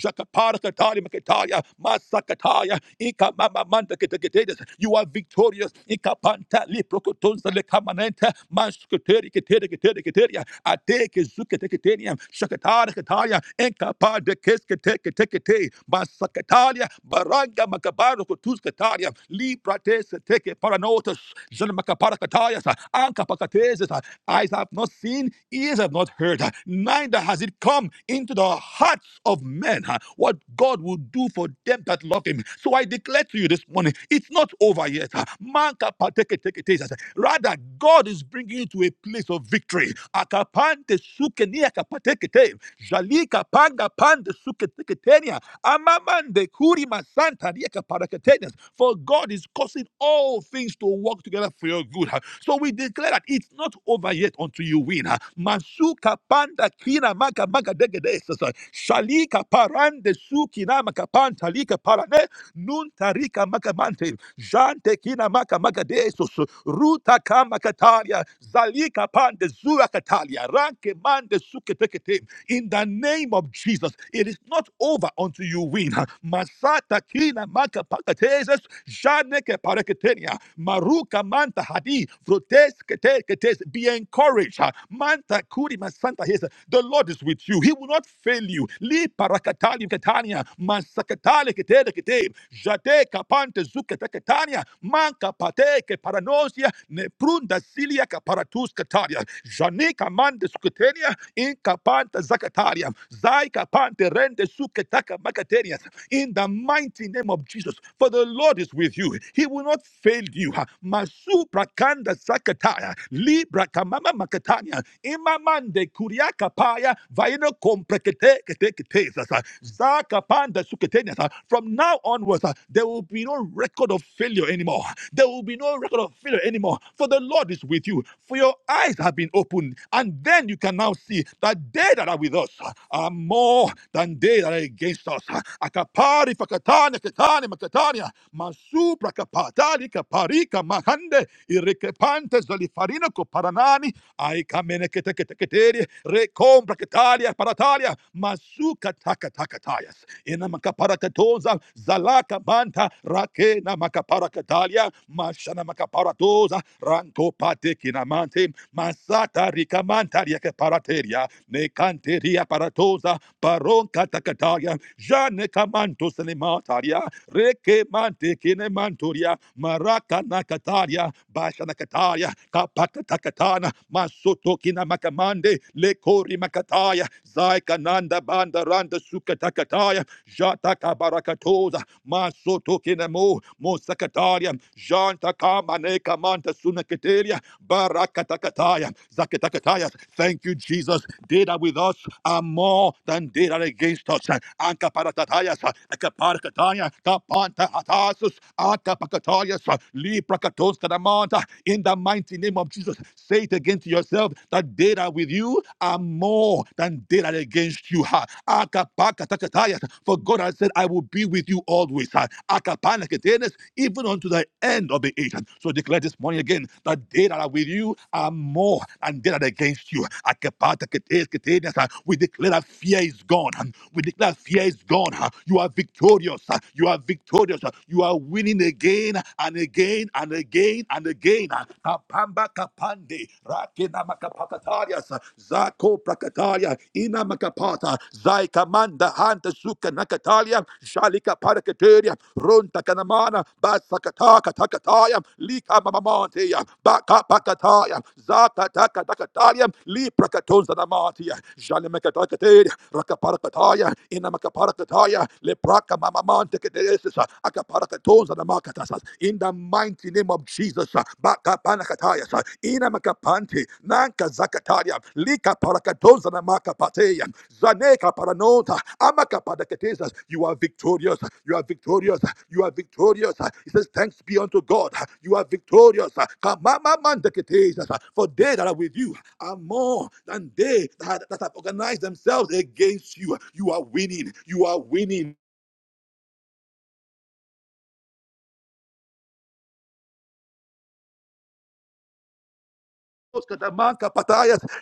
Jakaparakatari maketaya. Masakataya. Ika mama manda keteketes. You are victorious. Ika panta liprokotunza lekamanenta. Maskateri keteri keteri keteria. Ateke zuketeketeniam. Shakatara kataya. Enka pa de Baranga makabaro kotuskataria. Libra tese teke paranotas. Jan makapara Anka pakatezes. Eyes have not seen, ears have not heard, neither has it come into the hearts of men uh, what God will do for them that love Him. So I declare to you this morning, it's not over yet. uh, Man can partake it, take it, taste it. Rather, God is bringing you to a place of victory. Akapante sukenia ni akapateke te. Jalika panga pande suke teke Amamande kurima santa rieka parakatenes. For God is causing all things to work together for your good. So we declare that it's not over yet until you win. Masuka panda kina maka maka degedes. Shalika parande sukina maka panta lika parane. Nunta rika maka mante. Jante kina maka maka desos. Ruta kama kataria. Zalika pande zura katalia. Ranke mande suke tekete in the name of Jesus. It is not over until you win. Masata kina maka pakateses, janeke pareketenia, maruka manta hadi, frotes kete ketes. Be encouraged. Manta kuri masanta hesa. The Lord is with you. He will not fail you. Li parakatali katania masakatali ketele kete jate kapante zuke teketania manka pate ke paranosia ne prunda silia kaparatus kataria jane kamande suketenia in kapanta zakataria zai kapante rende suke taka makateria in the mighty name of Jesus. For the Lord is with you. He will not fail you. Masu prakanda sakataya, libra kamama makatanya, imamande kuriaka paya, vaina komprekete kete kete sasa, zaka panda suketenya sa. From now onwards, uh, there will be no record of failure anymore. There will be no record of failure anymore. For the Lord is with you. For your eyes have been opened, and then you can now see that they that are with us. ah, more than they that are against us. Akapari fakatani katani makatania masu prakapatali kaparika mahande irikepante zalifarino koparanani aikamene keteketeketeri rekom ketalia paratalia masu katakatakatayas ina makaparakatoza zalaka banta rakena makaparakatalia mashana makaparatoza ranko pate kinamante masata rikamanta Karia parateria, ne canteria paratosa, baron katakataria, jane camanto selemataria, reke mante kine manturia, maraka nakataria, basha nakataria, kapaka takatana, masoto kina makamande, lekori makataya, zaika nanda banda randa suka takataya, jata kabarakatosa, masoto kina mo, mosakataria, janta kama ne kamanta sunakateria, Barakatakataya, Zakatakataya. Thank you, Jesus. They that with us are more than they that against us. Ankaparatatayas, Akaparakataya, Kapantahatasus, Akapakatayas, Liprakatoskadamanta. In the mighty name of Jesus, say it again to yourself that they that with you are more than they that against you. Ha. Akapakatakatayas. For God has said, I will be with you always always, uh, even unto the end of the age. So declare this morning again that they that are with you are more than they that are against you. uh, We declare that fear is gone. We declare that fear is gone. uh, You are victorious. uh, You are victorious. uh, You are winning again and again and again and again. uh, Kapamba kapande, rakena makapakatarias, uh, zako Nakatalia, Ina Makapata, Zaikamanda Hanta Suka Nakatalia, Shalika Parakateria, Runta Kanamana, Basakataka Takataya, Lika Mamamantia, Baka Pakataya, Zakataka Takataya, Liprakatonza Namatia, Jalimakatakateri, Rakaparakataya, Ina Makaparakataya, Lepraka Mamamante Kedesisa, Akaparatonza Namakatasas. In the mighty name of Jesus. Jesus, uh, Bakapanakataya, uh, Nanka Zakataria, Lika Parakadoza na Zaneka Paranota, Amakapadakatesa, you are victorious, uh, you are victorious, uh, you are victorious. uh, He says, Thanks be unto God, uh, you are victorious. Kamamamandakatesa, For they that are with you are more than they that have organized themselves against you. You are winning, you are winning.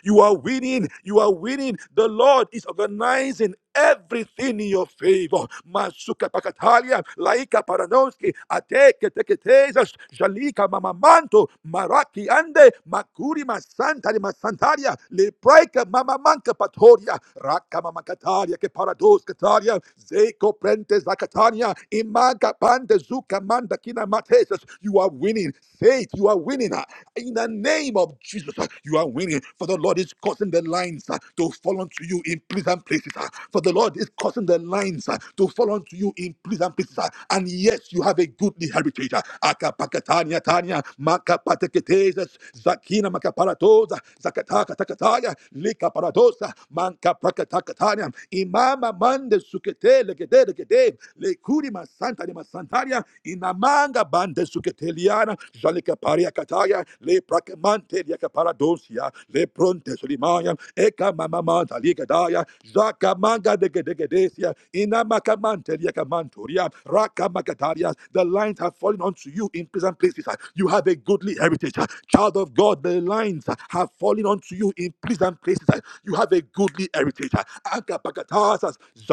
You are winning. You are winning. The Lord is organizing everything in your favor. Masuka Pakatalia, Laika Paranowski, Ateke Teketezas, Jalika Mamamanto, Maraki Ande, Makuri Masantari Masantaria, Lepraika Mamamanka Patoria, Raka Mamakataria, Keparados Kataria, Zeko Prentes Zakatania, Imaga Pande Zuka Manda Kina Matesas. You are winning. Faith, you are winning in the name of Jesus, uh, you are winning. For the Lord is causing the lines uh, to fall onto you in pleasant places. uh. For the Lord is causing the lines uh, to fall onto you in pleasant places. uh. And yes, you have a goodly heritage. uh. Akapakatania tania, makapateketeses, zakina makaparatosa, zakataka takataya, likaparatosa, mankapakatakatania, imama mande sukete legede legede, lekurima santa de masantaria, inamanga bande suketeliana jalika paria kataya le prakemante ya kaparadosia le pronte solimaya eka mama manta ligadaya zaka manga de gedegedesia inamakamante ya kamantoria raka makataria the lines have fallen onto you in prison places you have a goodly heritage child of God the lines have fallen onto you in prison places you have a goodly heritage Anka pakatasas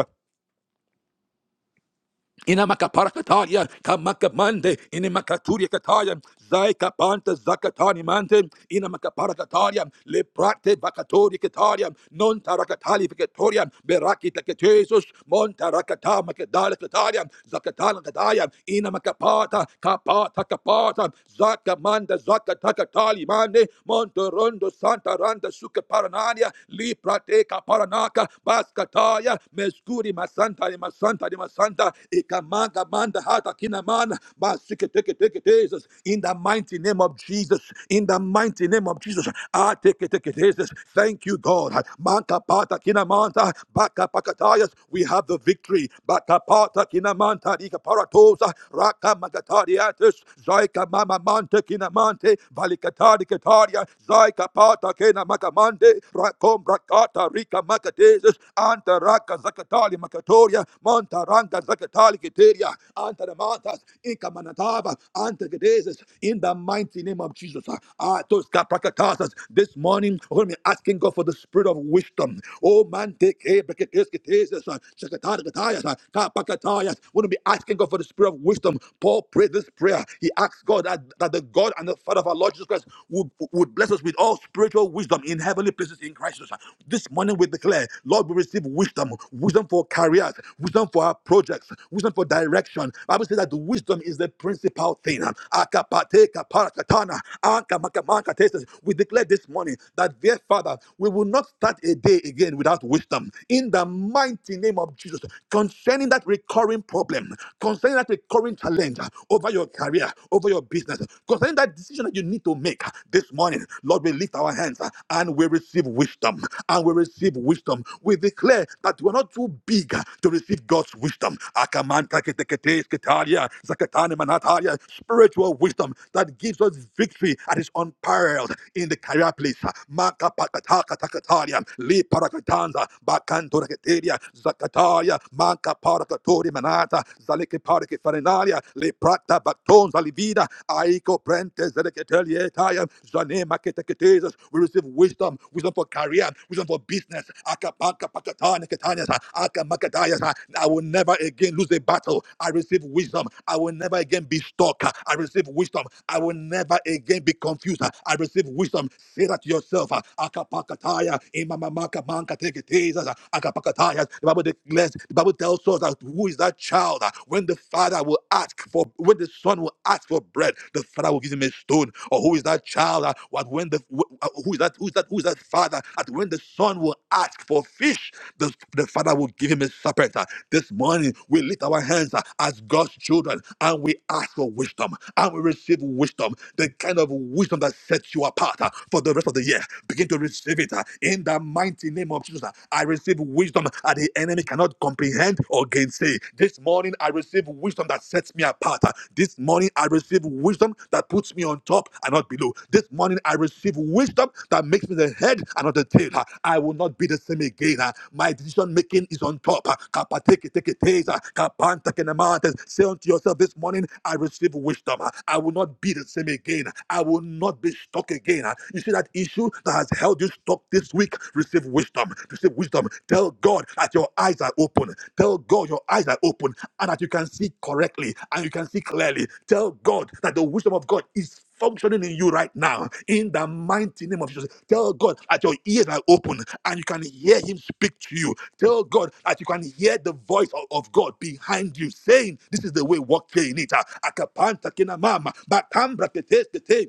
Inamakapara kataya, kamakamande, inimakaturia kataya, zaika panta zakatani mante, inamakapara kataria, leprate bakatoria kataria, non tarakatali vicatoria, beraki taketesus, montarakata makadala kataria, zakatala kataya, inamakapata, kapata kapata, zakamanda zakatakatali mande, montorondo santa randa suka paranania, liprate kaparanaka, baskataya, meskuri masanta ni masanta ni masanta ikamanga manda hata kina mana basike teke teke tezes in the mighty name of Jesus in the mighty name of Jesus I take it, take it, Jesus. thank you God manka pata kina manta baka pakatayas we have the victory baka pata kina manta dika paratosa raka magatariatus zaika mama mante kina mante valikatari kataria zaika pata kina makamande rakom. Rakata Rika Makatesis, Antaraka Zakatali Makatoria, Montaranga Zakatali Kiteria, Antaramatas, Inka Manataba, Antargadesis, in the mighty name of Jesus. Atoska Prakatasis, this morning we're going to be asking God for the spirit of wisdom. Oh man, take care, Bakatesis, Shakatargatayas, Kapakatayas. We're going to be asking God for the spirit of wisdom. Paul prayed this prayer. He asked God that, that the God and the Father of our Lord Jesus Christ would, would bless bless us with all spiritual wisdom in heavenly places in Christ Jesus. This morning we declare, Lord, we receive wisdom, wisdom for careers, wisdom for our projects, wisdom for direction. Bible says that the wisdom is the principal thing. Akapate kaparakatana, ankamakamakatestes. We declare this morning that, dear Father, we will not start a day again without wisdom. In the mighty name of Jesus, concerning that recurring problem, concerning that recurring challenge over your career, over your business, concerning that decision that you need to make uh, this morning, Lord, we lift our hands uh, and we receive wisdom. And we receive wisdom. We declare that we're not too big uh, to receive God's wisdom. Akamanta ketekete sketalia, zakatane manatalia, Spiritual wisdom that gives us victory and is unparalleled in the career place. uh, Makapakatakatakalia, liparakatanza, bakantoraketeria, zakatalia, makaparakatoria manata, zaleke parake farinata. Zenaria, Le Prata Batonza Livida, Aiko Prentes, Zedeketelietai, Zanema Keteketezas. We receive wisdom, wisdom for career, wisdom for business. Akapaka Pakatana Ketanias, Akamakatayas. I will never again lose a battle. I receive wisdom. I will never again be stuck. I receive wisdom. I will never again be confused. I receive wisdom. Say that to yourself. Akapakataya, Imamamaka Manka Teketezas, Akapakatayas. The Bible declares, the Bible tells us that who is that child uh, when the father will ask for when the son will ask for bread the father will give him a stone or who is that child uh, what when the wh- uh, who is that who is that who is that father that when the son will ask for fish the, the father will give him a serpent uh, this morning we lift our hands uh, as God's children and we ask for wisdom and we receive wisdom, the kind of wisdom that sets you apart uh, for the rest of the year. Begin to receive it uh, in the mighty name of Jesus. uh, I receive wisdom that the enemy cannot comprehend or gainsay. This morning, I receive wisdom that sets me apart. This morning, I receive wisdom that puts me on top and not below. This morning, I receive wisdom that makes me the head and not the tail. I will not be the same again. My decision making is on top. Kapateke teke teza, kapanta kenamantes. Say unto yourself this morning, I receive wisdom. I will not be the same again. I will not be stuck again. You see that issue that that has held you stuck this week, receive wisdom. Receive wisdom. Tell God that your eyes are open. Tell God your eyes are open and that you can see correctly and you can see clearly. Tell God that the wisdom of God is functioning in you right now in the mighty name of Jesus. Tell God that your ears are open and you can hear Him speak to you. Tell God that you can hear the voice of, of God behind you saying, This is the way, walk ye in it. Akapanta kinamama, batambra kete kete,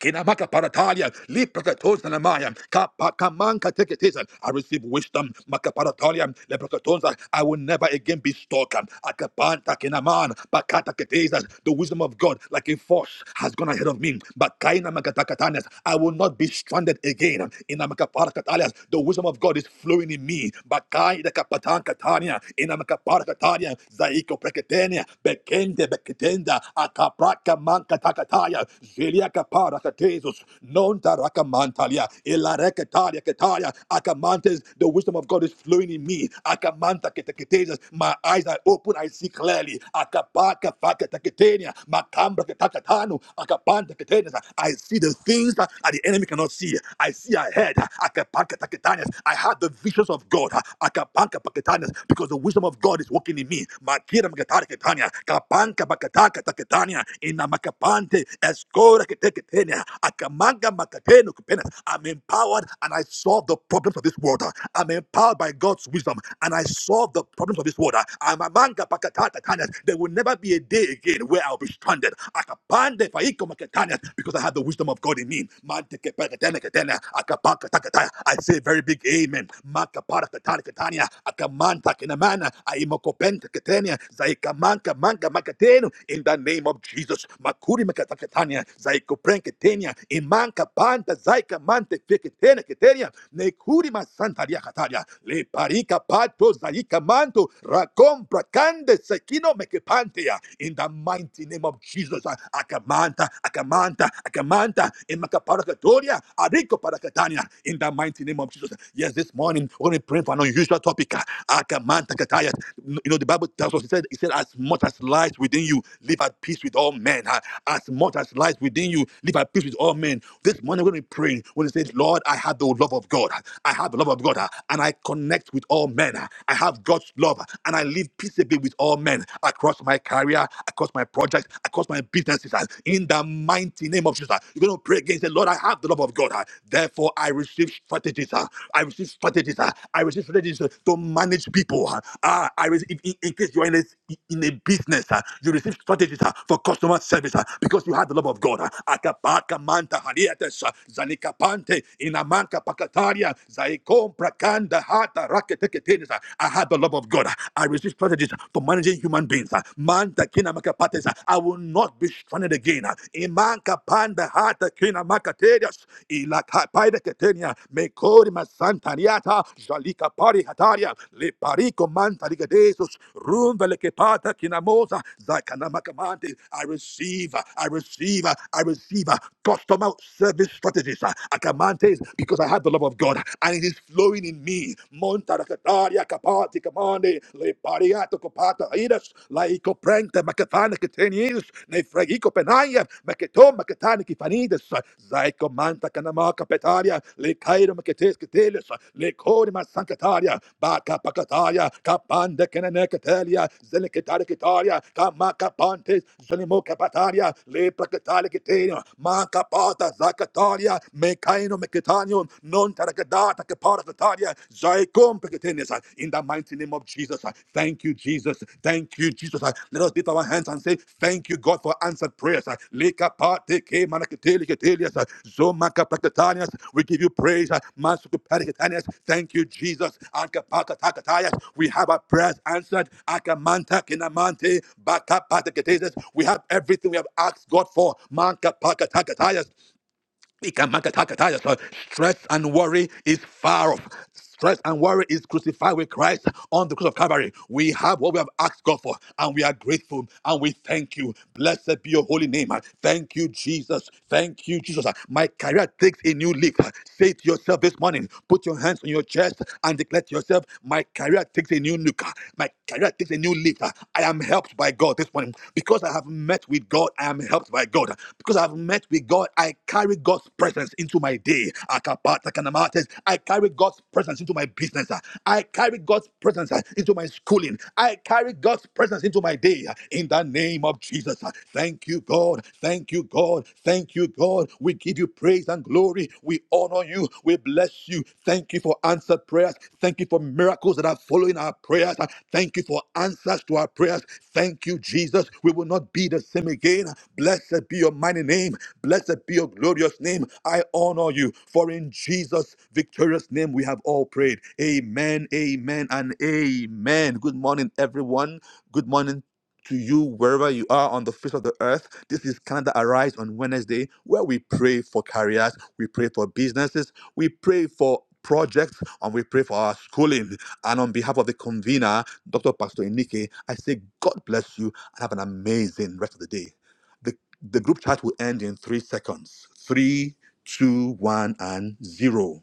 Kinamaka paratalia, liprakatos namaya, kapakamanka teketisa. I receive wisdom, makaparatalia, leprakatonsa. I will never again be stalker. Akapanta kinaman, bakata ketesa. The wisdom of God, like a force, has gone ahead of me. Bakaina makatakatanes. I will not be stranded again. Inamakaparakatalias. The wisdom of God is flowing in me. Bakai the kapatan katania, inamakaparakatalia, zaiko preketenia, bekende beketenda, Zenda Akapraka Manka Takataya Zilia Kapara Katesus Nonta Rakamantalia Ilarekataria Kataya Akamantes the wisdom of God is flowing in me Akamanta Ketaketesus my eyes are open I see clearly Akapaka Faka Makambra Katakatanu Akapanta Ketenis I see the things that the enemy cannot see I see ahead Akapanka Taketanias I have the visions of God Akapanka Paketanias because the wisdom of God is walking in me. Makira makatara ketania, kapanka bakataka taketania, ina makapante, eskora keteketenia, akamanga makateno kupena. I'm empowered and I solve the problems of this world. I'm empowered by God's wisdom and I solve the problems of this world. I'm a manga bakataka tania. There will never be a day again where I'll be stranded. Akapande faiko makatania, because I have the wisdom of God in me. Mante kepeketene ketene, akapaka takataya. I say a very big amen maka para katani akamanta kinamana aimokopenta katania zaikamanka manga makatenu in the name of Jesus makuri makatakatania zaikopren katania imanka panta zaikamante mante feketene katania nekuri masantaria kataria le parika pato zaika manto rakompra kande sekino mekepantea in the mighty name of Jesus akamanta akamanta akamanta in Makaparaka toria. Ariko parakatania, In the mighty name of Jesus. Yes, this morning we're going to pray for an unusual topic. Akamanta kataya. You know, the Bible tells us, it said, it said, as much as lies within you, live at peace with all men. Ah, As much as lies within you, live at peace with all men. This morning we're going to be praying. when are says, Lord, I have the love of God. I have the love of God, ah, and I connect with all men. I have God's love, and I live peaceably with all men across my career, across my projects, across my businesses. in in the mighty name of Jesus. You're going to pray against it. Lord, I have the love of God. Therefore, I receive strategies. uh, I receive strategies. uh, I receive strategies uh, to manage people. Ah, Ah, I receive, in, in case you're in a, in a business, uh, you receive strategies uh, for customer service uh, because you have the love of God. uh, Akapaka manta hariates, uh, zanikapante, inamanka pakataria, zaikom prakanda hata raketeketenes, uh, I have the love of God. uh, I receive strategies for managing human beings. ah. Manta kina makapates. I will not be stranded again. Imanka panda hata kina makaterias. Ilakapaida ketenia. Mekori masantaniata. Jalika pari hataria. Le pariko manta ligadesus. Rumba lekepata kina moza. Zakana makamante. I receive. I receive. I receive. Customer service strategies. Akamantes. Because I have the love of God. And it is flowing in me. Monta rakataria party commande le pariato copata idas la ico prente macatana catenius ne fregico penaya macato macatana kifanides zaico manta canama capetaria le cairo macates catelis le corima sancataria baca pacataria capande canane catelia zelicataria cataria camaca pantes zelimo capataria le placataria catenia maca pata zacataria mecaino mecatanium non in the mighty name of Jesus. Thank you, Jesus. Thank you, Jesus. Let us lift our hands and say, Thank you, God, for answered prayers. We give you praise. Thank you, Jesus. We have our prayers answered. We have everything we have asked God for. Ikamakatakatai. So Stress and worry is far off. Stress and worry is crucified with Christ on the cross of Calvary. We have what we have asked God for, and we are grateful and we thank you. Blessed be your holy name. Thank you, Jesus. Thank you, Jesus. My career takes a new leap. Say to yourself this morning, put your hands on your chest and declare to yourself, My career takes a new look. My career takes a new you lift. I am helped by God this morning. Because I have met with God, I am helped by God. Because I have met with God, I carry God's presence into my day. Akapata kanamates. I carry God's presence into my business. I carry God's presence into my schooling. I carry God's presence into my day. In the name of Jesus. Thank you, God. Thank you, God. Thank you, God. We give you praise and glory. We honor you. We bless you. Thank you for answered prayers. Thank you for miracles that are following our prayers. Thank you for answers to our prayers. Thank you, Jesus. We will not be the same again. Blessed be your mighty name. Blessed be your glorious name. I honor you. For in Jesus' victorious name we have all prayed. Amen, amen, and amen. Good morning, everyone. Good morning to you wherever you are on the face of the earth. This is Canada Arise on Wednesday, where we pray for careers, we pray for businesses, we pray for projects, and we pray for our schooling. And on behalf of the convener, Dr. Pastor Enike, I say God bless you and have an amazing rest of the day. The, the group chat will end in three seconds. Three, two, one, and zero.